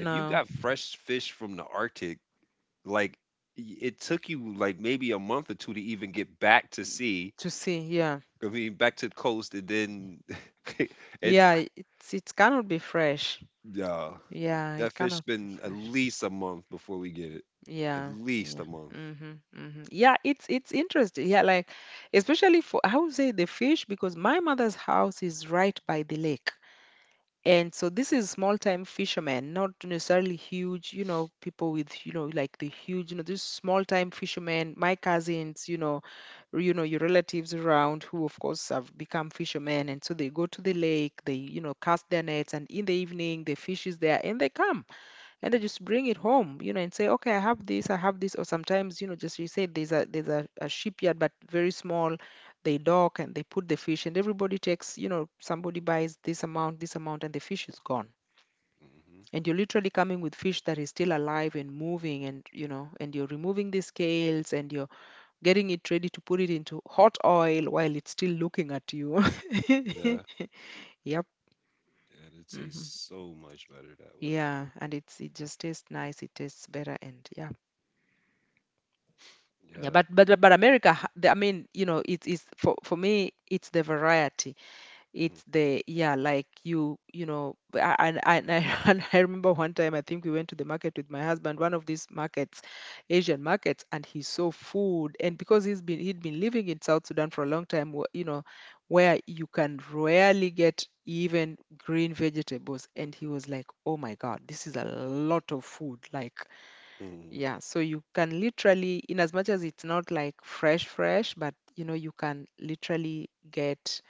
[SPEAKER 1] if you got fresh fish from the Arctic, like it took you like maybe a month or two to even get back to sea.
[SPEAKER 2] to see, yeah.
[SPEAKER 1] I mean, back to the coast, and then it
[SPEAKER 2] Yeah, it cannot be fresh.
[SPEAKER 1] Yeah,
[SPEAKER 2] Yeah,
[SPEAKER 1] that
[SPEAKER 2] it
[SPEAKER 1] fish
[SPEAKER 2] cannot be
[SPEAKER 1] been at
[SPEAKER 2] fresh.
[SPEAKER 1] least a month before we get it. At
[SPEAKER 2] Yeah,
[SPEAKER 1] least
[SPEAKER 2] yeah.
[SPEAKER 1] a month.
[SPEAKER 2] Mm-hmm, mm-hmm. Yeah, it's interesting. Yeah, like especially for, I would say, the fish, because my mother's house is right by the lake. And so this is small time fishermen, not necessarily huge, you know, people with, you know, like the huge, you know, this small time fishermen, my cousins, you know, or, you know, your relatives around who of course have become fishermen. And so they go to the lake, they, you know, cast their nets, and in the evening the fish is there and they come, and then just bring it home, you know, and say, okay, I have this, I have this. Or sometimes, you know, just, you say there's a, a shipyard, but very small, they dock and they put the fish, and everybody takes, you know, somebody buys this amount, this amount, and the fish is gone.
[SPEAKER 1] Mm-hmm.
[SPEAKER 2] And you're literally coming with fish that is still alive and moving, and you know, and you're removing the scales, and you're getting it ready to put it into hot oil while it's still looking at you.
[SPEAKER 1] Yeah, yeah,
[SPEAKER 2] Yep.
[SPEAKER 1] it
[SPEAKER 2] Hmm.
[SPEAKER 1] tastes so much better that way.
[SPEAKER 2] Yeah, and it's, it just tastes nice, it tastes better, and yeah. Yeah,
[SPEAKER 1] Yeah.
[SPEAKER 2] but America, I mean, you know, it is, for me, it's the variety.
[SPEAKER 1] Mm-hmm.
[SPEAKER 2] It's the, yeah, like you know, and I, and I remember one time, I think we went to the market with my husband, one of these markets, Asian markets, and he saw food, and because he's been he'd been living in South Sudan for a long time, you know, where you can rarely get even green vegetables, and he was like, oh my God, this is a lot of food, like,
[SPEAKER 1] Mm-hmm.
[SPEAKER 2] yeah. So you can literally, in as much as it's not like fresh, fresh, but you know, you can literally get,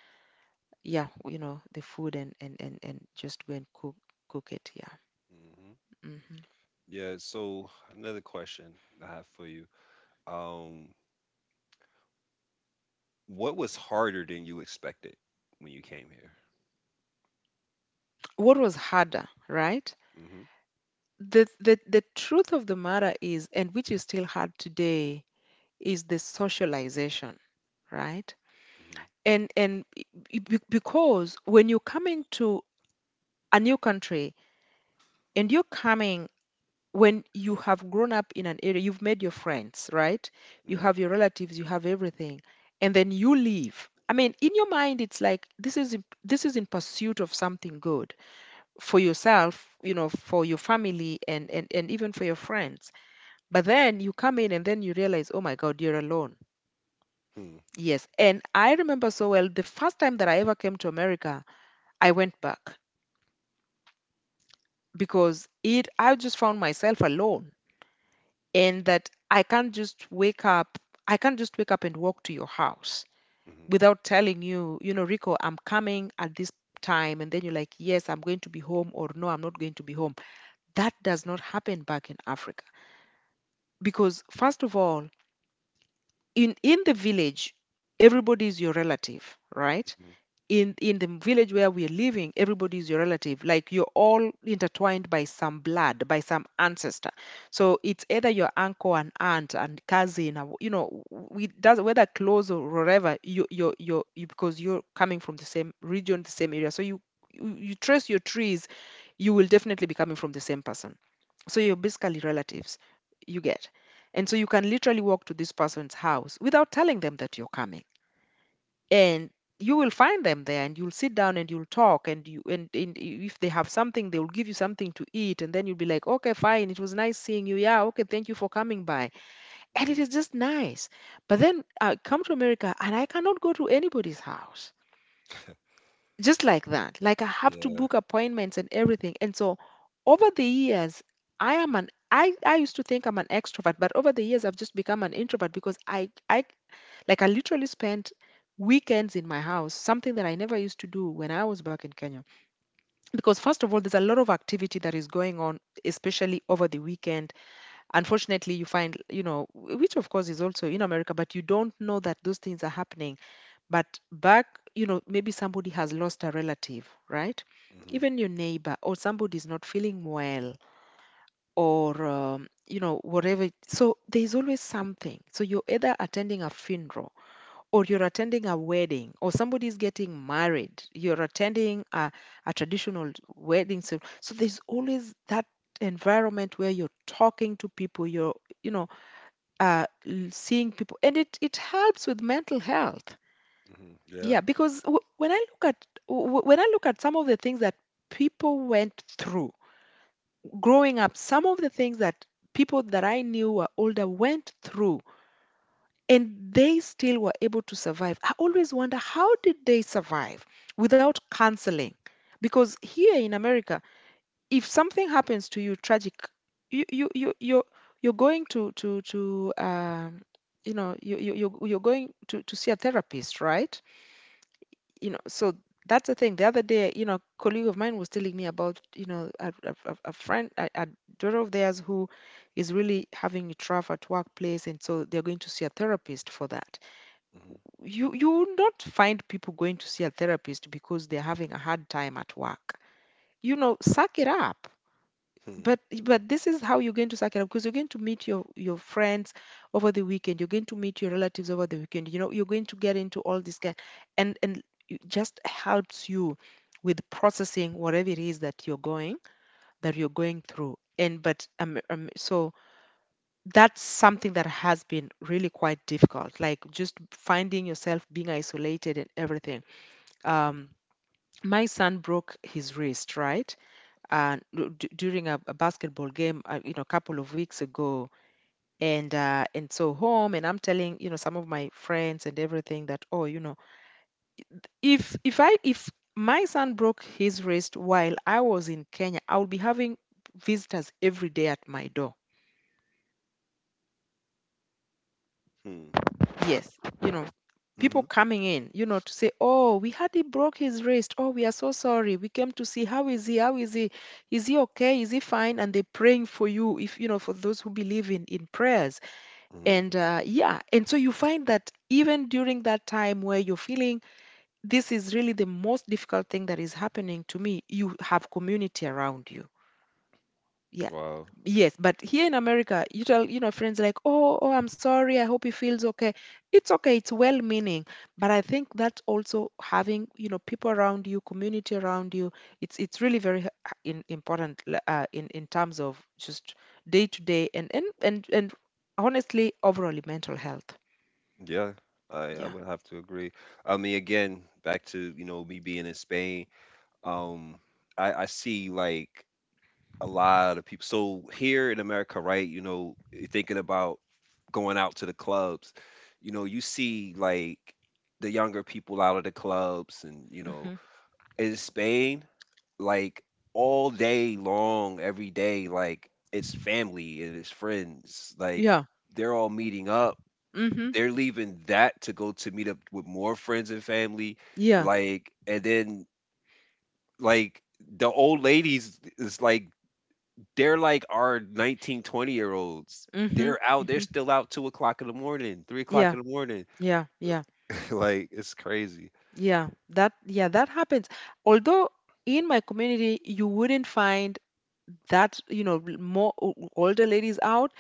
[SPEAKER 2] yeah, you know, the food, and and just go and cook, it. Yeah. Hmm.
[SPEAKER 1] Yeah. So another question I have for you. Um, what was harder than you expected when you came here?
[SPEAKER 2] What was harder, right?
[SPEAKER 1] Mm-hmm.
[SPEAKER 2] The truth of the matter is, and which is still hard today, is the socialization, right?
[SPEAKER 1] Mm-hmm.
[SPEAKER 2] And I- be- because when you come into a new country and you're coming when you have grown up in an area, you've made your friends, right? You
[SPEAKER 1] Mm-hmm.
[SPEAKER 2] have your relatives, you have everything, and then you leave. I mean, in your mind, it's like this is in pursuit of something good for yourself, for your family, and even for your friends. But then you come in, and then you realize, oh my God, you're alone.
[SPEAKER 1] Hmm.
[SPEAKER 2] Yes, and I remember so well the first time that I ever came to America, I went back because it I just found myself alone and that I can't just wake up. I can't just wake up and walk to your house
[SPEAKER 1] Mm-hmm.
[SPEAKER 2] without telling you, Rico, I'm coming at this time. And then you're like, yes, I'm going to be home, or no, I'm not going to be home. That does not happen back in Africa. Because, first of all, in the village, everybody is your relative, right?
[SPEAKER 1] Mm-hmm.
[SPEAKER 2] In the village where we're living, everybody is your relative, like you're all intertwined by some blood, by some ancestor. So it's either your uncle and aunt and cousin, or you know we does whether close or wherever because you're coming from the same region, the same area. So you trace your trees, you will definitely be coming from the same person, so you're basically relatives, you get. And so you can literally walk to this person's house without telling them that you're coming, and you will find them there, and you'll sit down and you'll talk, and if they have something they will give you something to eat. And then you'll be like, okay, fine, it was nice seeing you, yeah, okay, thank you for coming by. And
[SPEAKER 1] Mm-hmm.
[SPEAKER 2] it is just nice. But then I come to America and I cannot go to anybody's house just like that. Like, I have to
[SPEAKER 1] Yeah.
[SPEAKER 2] book appointments and everything. And so over the years, I am an I used to think I'm an extrovert, but over the years I've just become an introvert, because I literally spent weekends in my house, something that I never used to do when I was back in Kenya. Because first of all, there's a lot of activity that is going on, especially over the weekend. Unfortunately, you find, which of course is also in America, but you don't know that those things are happening. But back, maybe somebody has lost a relative, right?
[SPEAKER 1] Mm-hmm.
[SPEAKER 2] Even your neighbor, or somebody's not feeling well, or whatever. So there's always something. So you're either attending a funeral, or you're attending a wedding, or somebody's getting married, you're attending a traditional wedding. So there's always that environment where you're talking to people, you're you know seeing people, and it helps with mental health.
[SPEAKER 1] Mm-hmm. Yeah.
[SPEAKER 2] Yeah, because when I look at some of the things that people went through growing up, some of the things that people that I knew were older went through, and they still were able to survive. I always wonder, how did they survive without canceling? Because here in America, if something happens to you tragic, you you you you're you're going to you're going to see a therapist, right? You know, so that's the thing. The other day, you know, a colleague of mine was telling me about a friend, a daughter of theirs who is really having it rough at workplace, and so they're going to see a therapist for that.
[SPEAKER 1] Mm-hmm.
[SPEAKER 2] You will not find people going to see a therapist because they're having a hard time at work. You know, suck it up.
[SPEAKER 1] Hmm.
[SPEAKER 2] But this is how you're going to suck it up, because you're going to meet your friends over the weekend. You're going to meet your relatives over the weekend. You know, you're going to get into all this kind. And it just helps you with processing whatever it is that you're going through. And but so that's something that has been really quite difficult, like just finding yourself being isolated and everything.
[SPEAKER 1] Mm-hmm.
[SPEAKER 2] um, my son broke his wrist, right? And during a basketball game, a couple of weeks ago, and so home, and I'm telling some of my friends and everything that, oh, if I if my son broke his wrist while I was in Kenya, I would be having visitors every day at my door.
[SPEAKER 1] Hmm. Mm-hmm.
[SPEAKER 2] Yes, people coming in, to say, "Oh, we had he broke his wrist. Oh, we are so sorry. We came to see, how is he? How is he? Is he okay? Is he fine?" And they're praying for you, if you know, for those who believe in prayers.
[SPEAKER 1] Mm-hmm.
[SPEAKER 2] And Yeah, and so you find that even during that time where you're feeling this is really the most difficult thing that is happening to me, you have community around you. Yeah.
[SPEAKER 1] Wow.
[SPEAKER 2] Yes, but here in America, you tell, friends like, oh, I'm sorry, I hope he feels okay. It's okay. It's well meaning. But I think that also having, people around you, community around you, it's really very important, in terms of just day to day, and honestly, overall mental health.
[SPEAKER 1] Yeah, I
[SPEAKER 2] Yeah.
[SPEAKER 1] would have to agree. I mean, again, back to, you know, me being in Spain, um, I see like a lot of people. So here in America, right, you know, you're thinking about going out to the clubs, you know, you see like the younger people out of the clubs and, you
[SPEAKER 2] Hmm.
[SPEAKER 1] know, in Spain, like all day long, every day, like it's family and it's friends. Like
[SPEAKER 2] Yeah.
[SPEAKER 1] they're all meeting up.
[SPEAKER 2] Hmm.
[SPEAKER 1] They're leaving that to go to meet up with more friends and family,
[SPEAKER 2] Yeah.
[SPEAKER 1] like, and then like the old ladies is like they're like our 19, 20-year olds.
[SPEAKER 2] Hmm. Hmm.
[SPEAKER 1] They're out. They're still out 2 o'clock in the morning, 3 o'clock
[SPEAKER 2] Yeah.
[SPEAKER 1] in the morning.
[SPEAKER 2] Yeah. Yeah.
[SPEAKER 1] like it's crazy.
[SPEAKER 2] Yeah, that happens. Although in my community you wouldn't find that, more older ladies out.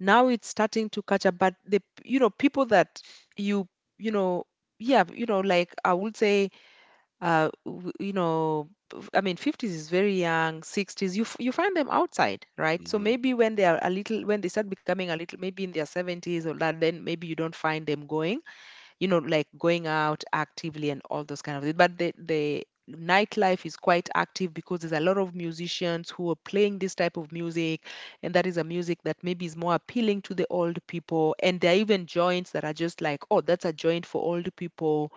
[SPEAKER 2] Now it's starting to catch up, but the p- you know, people that you you know, like I would say, I mean, 50s is very young, 60s you find them outside, right? So
[SPEAKER 1] Hmm.
[SPEAKER 2] maybe when they are a little when they start becoming a little, maybe in their 70s or that, then maybe you don't find them going you know, like going out actively and all those kind of things. But the nightlife is quite active, because there's a lot of musicians who are playing this type of music, and that is a music that maybe is more appealing to the old people. And there are even joints that are just like, oh, that's a joint for old people.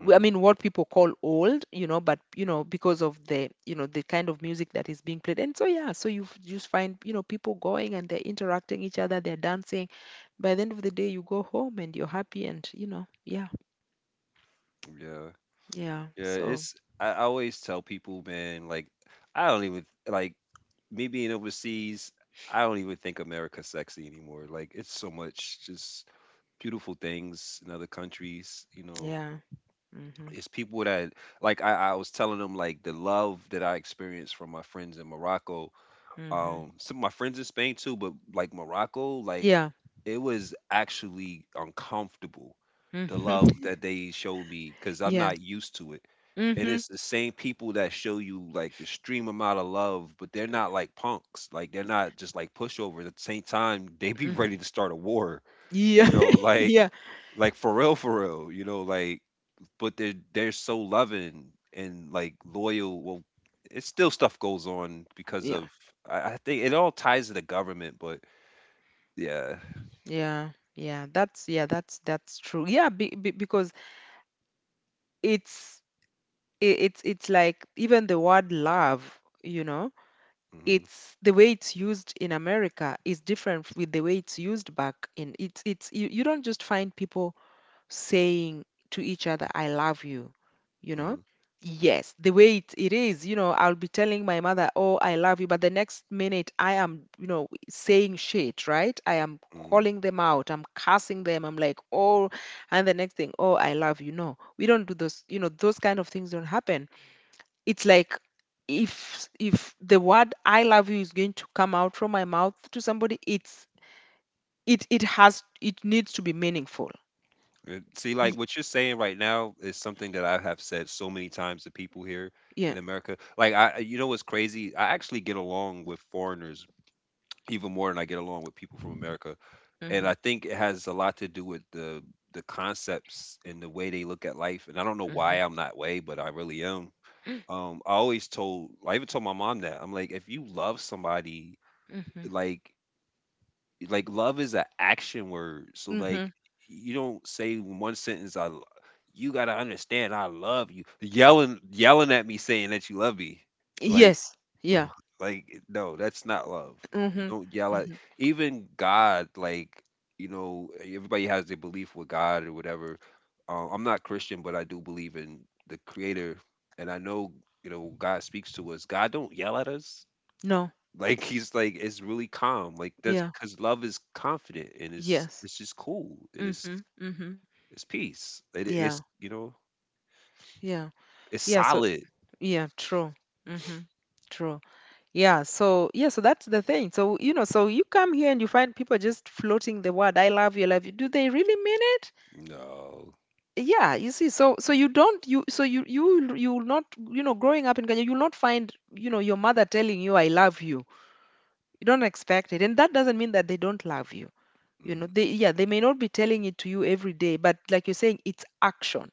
[SPEAKER 2] I mean, what people call old, but because of the kind of music that is being played. And so just find, people going and they're interacting each other, they're dancing. By the end of the day, you go home and you're happy, and yeah,
[SPEAKER 1] Yeah.
[SPEAKER 2] yeah.
[SPEAKER 1] Yeah.
[SPEAKER 2] So,
[SPEAKER 1] It's I always tell people, man, like I don't even like me being overseas, I don't even think America's sexy anymore. Like it's so much just beautiful things in other countries. You know,
[SPEAKER 2] yeah. Mm-hmm.
[SPEAKER 1] it's people that like I was telling them like the love that I experienced from my friends in Morocco,
[SPEAKER 2] Mm-hmm.
[SPEAKER 1] some of my friends in Spain too, but like Morocco, like
[SPEAKER 2] Yeah.
[SPEAKER 1] it was actually uncomfortable the
[SPEAKER 2] Mm-hmm.
[SPEAKER 1] love that they showed me because I'm
[SPEAKER 2] Yeah.
[SPEAKER 1] not used to it. And
[SPEAKER 2] Mm-hmm.
[SPEAKER 1] it's the same people that show you like the extreme amount of love, but they're not like punks. Like they're not just like pushover. At the same time, they be
[SPEAKER 2] Mm.
[SPEAKER 1] ready to start a war.
[SPEAKER 2] Yeah.
[SPEAKER 1] You know,
[SPEAKER 2] Yeah.
[SPEAKER 1] like for real, for real. You know, like but they're so loving and like loyal. Well it's still stuff goes on because
[SPEAKER 2] Yeah.
[SPEAKER 1] of I think it all ties to the government, but yeah.
[SPEAKER 2] Yeah. Yeah. That's true. Yeah, because it's, it's like, even the word love, you know,
[SPEAKER 1] Hmm.
[SPEAKER 2] it's the way it's used in America is different with the way it's used back in. You don't just find people saying to each other, I love you, you know?
[SPEAKER 1] Hmm.
[SPEAKER 2] Yes, the way it is. I'll be telling my mother, oh, I love you, but the next minute I am saying shit, right? I am
[SPEAKER 1] Hmm.
[SPEAKER 2] calling them out, I'm cursing them, I'm like, oh, and the next thing, oh, I love you. No, we don't do those. Those kind of things don't happen. It's like, if the word I love you is going to come out from my mouth to somebody, it's it it has it needs to be meaningful.
[SPEAKER 1] See, like
[SPEAKER 2] Y-
[SPEAKER 1] what you're saying right now is something that I have said so many times to people here
[SPEAKER 2] yeah
[SPEAKER 1] in America. Like, you know what's crazy? I actually get along with foreigners even more than I get along with people from America.
[SPEAKER 2] Hmm.
[SPEAKER 1] And I think it has a lot to do with the concepts and the way they look at life. And I don't know why I'm that way, but I really am. I always told, I even told my mom that I'm like, if you love somebody,
[SPEAKER 2] Mhm.
[SPEAKER 1] like, like love is an action word. So
[SPEAKER 2] Mhm.
[SPEAKER 1] like, you don't say in one sentence, you gotta understand, I love you, yelling at me saying that you love me, like.
[SPEAKER 2] Yes. Yeah.
[SPEAKER 1] Ugh, like no, that's not love. You
[SPEAKER 2] Mhm.
[SPEAKER 1] don't yell at
[SPEAKER 2] Mhm.
[SPEAKER 1] even God. Like, you know, everybody has their belief with God or whatever. I'm not Christian, but I do believe in the creator, and I know, you know, God speaks to us. God don't yell at us.
[SPEAKER 2] No.
[SPEAKER 1] Like, he's like, it's really calm. Like, that's
[SPEAKER 2] Yeah.
[SPEAKER 1] because love is confident, and it's
[SPEAKER 2] Yes.
[SPEAKER 1] it's just cool, and it's
[SPEAKER 2] Mhm. Mhm.
[SPEAKER 1] it's peace, it,
[SPEAKER 2] Yeah.
[SPEAKER 1] it's you know,
[SPEAKER 2] Yeah.
[SPEAKER 1] it's
[SPEAKER 2] Yeah. So
[SPEAKER 1] solid.
[SPEAKER 2] yeah. True. Mhm. True. Yeah. So yeah. So that's the thing. So you know. So you come here and you find people just floating the word, "I love you, I love you." Do they really mean it?
[SPEAKER 1] No.
[SPEAKER 2] Yeah. You see. So you will not, growing up in Kenya, you will not find, your mother telling you "I love you." You don't expect it, and that doesn't mean that they don't love you. You
[SPEAKER 1] Mm-hmm.
[SPEAKER 2] know, they, yeah, they may not be telling it to you every day, but like you're saying, it's action,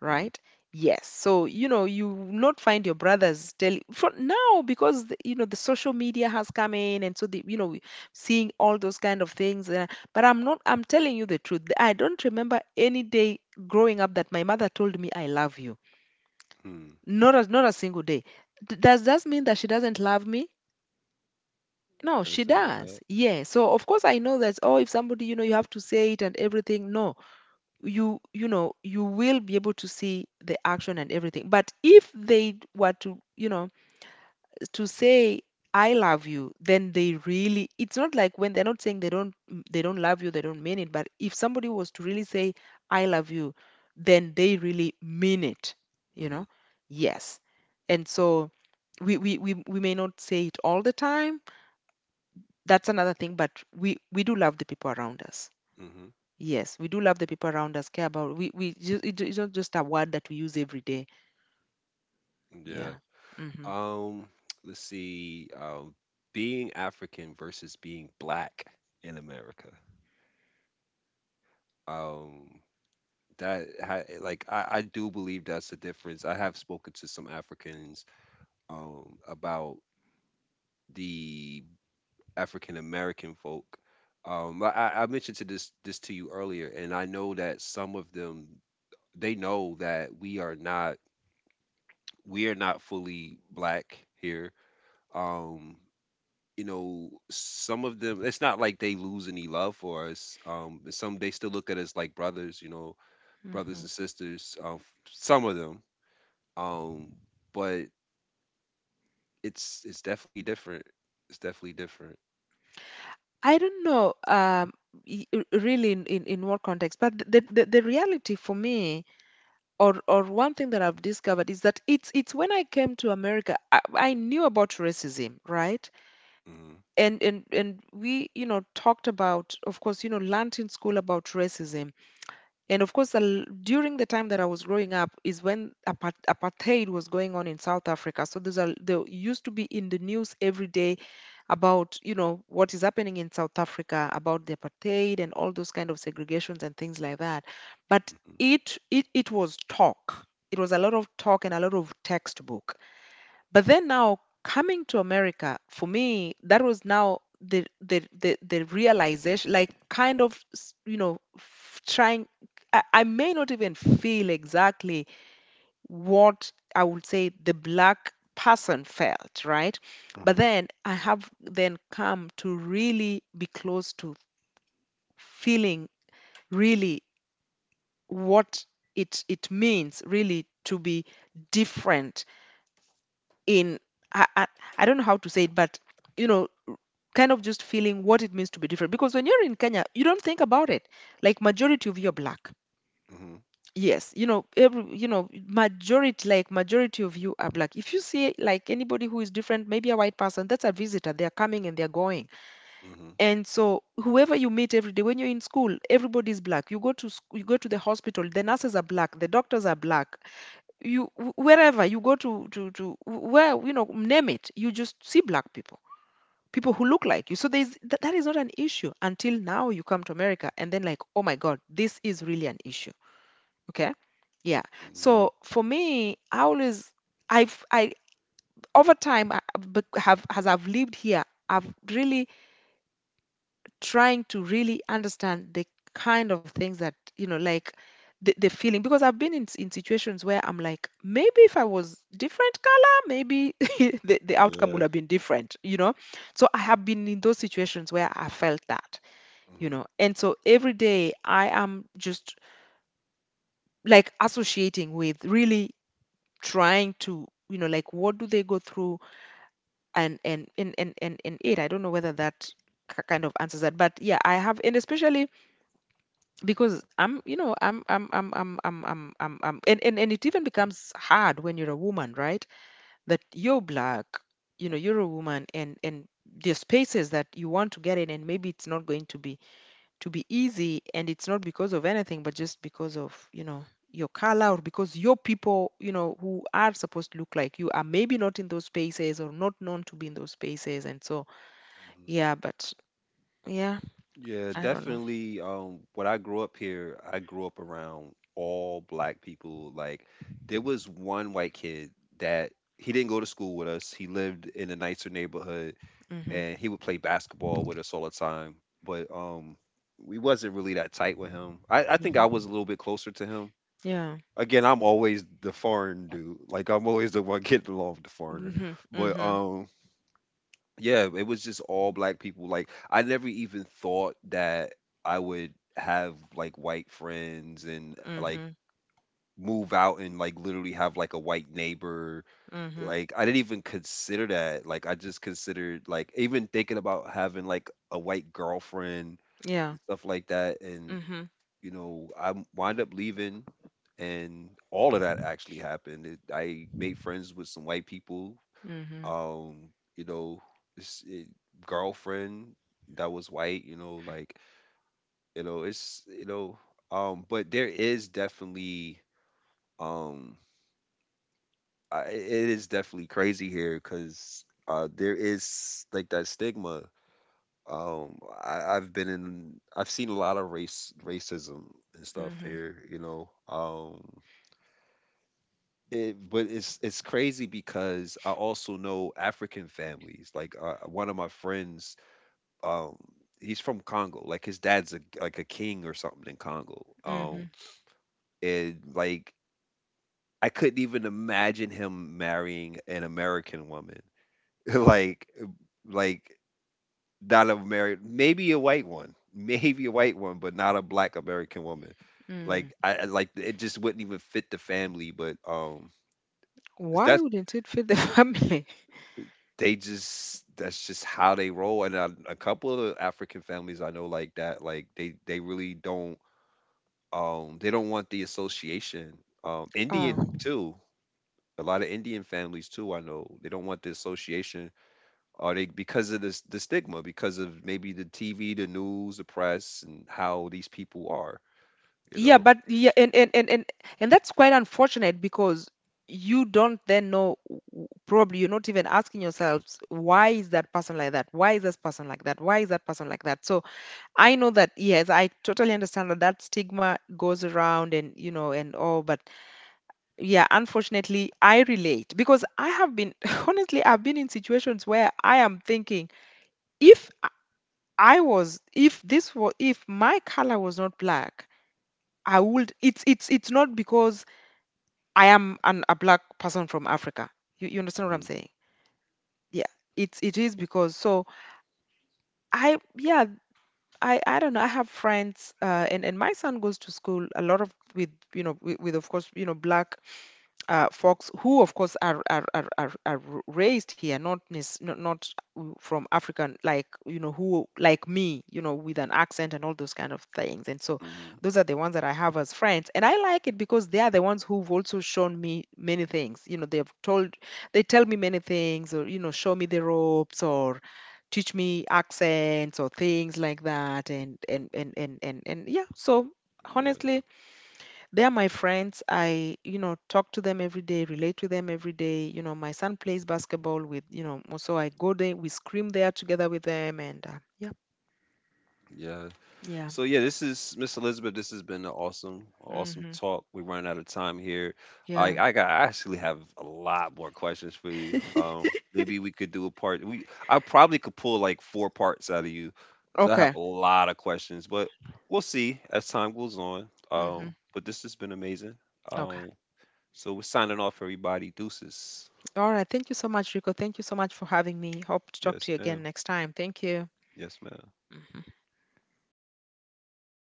[SPEAKER 2] right? Yes. So you know, you will not find your brothers telling from now because you know, the social media has come in, and so the, you know, seeing all those kind of things, but I'm not I'm telling you the truth, I don't remember any day growing up that my mother told me "I love you."
[SPEAKER 1] Mm-hmm.
[SPEAKER 2] Not a single day. Does that mean that she doesn't love me? No, she
[SPEAKER 1] Doesn't mean that.
[SPEAKER 2] does. Yeah. So of course I know that, oh, if somebody, you know, you have to say it and everything. No, you know, you will be able to see the action and everything, but if they were to, you know, to say "I love you," then they really, it's not like when they're not saying, they don't, they don't love you, they don't mean it. But if somebody was to really say "I love you," then they really mean it, you
[SPEAKER 1] Mm-hmm.
[SPEAKER 2] know. Yes. And so we may not say it all the time. That's another thing. But we do love the people around us.
[SPEAKER 1] Mm-hmm.
[SPEAKER 2] Yes, we do love the people around us, care about, we just it's not just a word that we use every day.
[SPEAKER 1] Yeah.
[SPEAKER 2] Yeah. Hmm
[SPEAKER 1] Um, let's see. Being African versus being black in America. Um, like I do believe that's the difference. I have spoken to some Africans about the African American folk. I mentioned to this to you earlier, and I know that some of them they know that we are not fully black here. Um, some of them, it's not like they lose any love for us. And some they still look at us like brothers, you know, brothers
[SPEAKER 2] hmm.
[SPEAKER 1] and sisters. Um, but it's definitely different. It's definitely different.
[SPEAKER 2] I don't know, really in what context, but the reality for me, or one thing that I've discovered is that it's when I came to America, I knew about racism, right?
[SPEAKER 1] Mm-hmm.
[SPEAKER 2] And we, you know, talked about, of course, you know, learned in school about racism. And of course, during the time that I was growing up is when apartheid was going on in South Africa. So these are, they used to be in the news every day about, you know, what is happening in South Africa about the apartheid and all those kind of segregations and things like that. But
[SPEAKER 1] Mm-hmm.
[SPEAKER 2] it was talk. It was a lot of talk and a lot of textbook. But then now coming to America, for me, that was now the realization, like kind of you know, trying. I may not even feel exactly what I would say the black person felt, right? But
[SPEAKER 1] Mm-hmm.
[SPEAKER 2] then I have then come to really be close to feeling really what it means really to be different in, I, I, I don't know how to say it, but, you know, kind of just feeling what it means to be different. Because when you're in Kenya, you don't think about it. Like majority of you are black. Yes, you know, every, you know, majority, like majority of you are black. If you see like anybody who is different, maybe a white person, that's a visitor, they're coming and they're going,
[SPEAKER 1] Mm-hmm.
[SPEAKER 2] and so whoever you meet every day, when you're in school, everybody is black. You go to you go to the hospital, the nurses are black, the doctors are black. You, wherever you go, to where, you know, name it, you just see black people, people who look like you. So there's that, that is not an issue until now you come to America, and then like, oh my God, this is really an issue. Okay. Yeah.
[SPEAKER 1] Mm-hmm.
[SPEAKER 2] So for me, I always, I over time, have, as I've lived here, I've really trying to really understand the kind of things that, you know, like the feeling. Because I've been in, in situations where I'm like, maybe if I was different color, maybe the outcome
[SPEAKER 1] Yeah.
[SPEAKER 2] would have been different, you know. So I have been in those situations where I felt that, you
[SPEAKER 1] Mm-hmm.
[SPEAKER 2] know, and so every day I am just like associating with really trying to, you know, like what do they go through. And it, I don't know whether that kind of answers that, but yeah, I have. And especially because I'm, you know, I'm and it even becomes hard when you're a woman, right? That you're black, you know, you're a woman, and the spaces that you want to get in, and maybe it's not going to be easy, and it's not because of anything, but just because of, you know, your color, or because your people, you know, who are supposed to look like you are maybe not in those spaces, or not known to be in those spaces, and so,
[SPEAKER 1] Mm-hmm.
[SPEAKER 2] yeah. But yeah,
[SPEAKER 1] Yeah,
[SPEAKER 2] I don't know.
[SPEAKER 1] definitely. When I grew up here, I grew up around all black people. Like, there was one white kid that he didn't go to school with us. He lived in a nicer neighborhood,
[SPEAKER 2] Hmm
[SPEAKER 1] and he would play basketball with us all the time. But we wasn't really that tight with him. I think I was
[SPEAKER 2] hmm.
[SPEAKER 1] a little bit closer to him.
[SPEAKER 2] Yeah.
[SPEAKER 1] Again, I'm always the foreign dude. Like, I'm always the one getting along with the foreigner.
[SPEAKER 2] Hmm
[SPEAKER 1] But
[SPEAKER 2] hmm.
[SPEAKER 1] yeah, it was just all black people. Like I never even thought that I would have like white friends and like
[SPEAKER 2] Mhm.
[SPEAKER 1] move out and like literally have like a white neighbor.
[SPEAKER 2] Mhm.
[SPEAKER 1] Like I didn't even consider that. Like I just considered like even thinking about having like a white girlfriend
[SPEAKER 2] Yeah.
[SPEAKER 1] and stuff like that. And
[SPEAKER 2] Mhm.
[SPEAKER 1] you know, I wind up leaving and all of that actually happened. I made friends with some white people,
[SPEAKER 2] Mhm.
[SPEAKER 1] um you know, s- eh, girlfriend that was white, you know, like, you know, but there is definitely, um it is definitely crazy here because there is like that stigma, um I, I've been in I've seen a lot of race racism and stuff
[SPEAKER 2] Mhm.
[SPEAKER 1] here, you know. But it's crazy because I also know African families. Like one of my friends, um he's from Congo. Like his dad's like a king or something in Congo. Um
[SPEAKER 2] Mhm.
[SPEAKER 1] and like I couldn't even imagine him marrying an American woman. like like not a married maybe a white one. Maybe a white one, but not a black American woman.
[SPEAKER 2] Mm.
[SPEAKER 1] Like like it just wouldn't even fit the family, but
[SPEAKER 2] Why
[SPEAKER 1] that's
[SPEAKER 2] wouldn't it fit the family?
[SPEAKER 1] that's just how they roll, and a couple of the African families I know like that, like they really don't. They don't want the association. Um,
[SPEAKER 2] Oh.
[SPEAKER 1] Indian too. A lot of Indian families too, I know. They don't want the association. Are they because of this the stigma, because of maybe the TV, the news, the press and how these people are, you
[SPEAKER 2] Yeah,
[SPEAKER 1] know.
[SPEAKER 2] but yeah, and that's quite unfortunate because you don't then know, probably you're not even asking yourselves, why is that person like that? Why is this person like that? Why is that person like that? So I know that, yes, I totally understand that that stigma goes around and you know and all, but yeah, unfortunately I relate, because I have been, honestly, I've been in situations where I am thinking, if i if this was, if my color was not black, I would, it's not because I am a black person from Africa. You understand what I'm
[SPEAKER 1] Hmm.
[SPEAKER 2] saying. Yeah. It is because, so I, yeah, I don't know. I have friends, and my son goes to school a lot of with, you know, with of course, you know, black, folks who, of course, are raised here, not not from African, like, you know, who like me, you know, with an accent and all those kind of things. And so
[SPEAKER 1] Hmm.
[SPEAKER 2] those are the ones that I have as friends, and I like it because they are the ones who've also shown me many things. You know, they've told, they tell me many things, or, you know, show me the ropes, or teach me accents or things like that. And yeah. So
[SPEAKER 1] Yeah.
[SPEAKER 2] honestly, they are my friends. I, you know, talk to them every day, relate to them every day. You know, my son plays basketball with, you know, so I go there, we scream there together with them, and yeah,
[SPEAKER 1] Yeah.
[SPEAKER 2] yeah.
[SPEAKER 1] So yeah, this is Miss Elizabeth. This has been an awesome, awesome
[SPEAKER 2] Hmm.
[SPEAKER 1] talk. We run out of time here. I
[SPEAKER 2] Yeah.
[SPEAKER 1] I got I actually have a lot more questions for you. Um, maybe we could do a part. We I probably could pull like 4 parts out of you 'cause I
[SPEAKER 2] Okay.
[SPEAKER 1] have a lot of questions, but we'll see as time goes on.
[SPEAKER 2] Hmm.
[SPEAKER 1] But this has been amazing.
[SPEAKER 2] Okay.
[SPEAKER 1] Um, so we're signing off, everybody. Deuces.
[SPEAKER 2] All right. Thank you so much, Rico. Thank you so much for having me. Hope to talk
[SPEAKER 1] Yes,
[SPEAKER 2] to you again
[SPEAKER 1] ma'am.
[SPEAKER 2] next time. Thank you.
[SPEAKER 1] Yes, ma'am.
[SPEAKER 2] Mhm.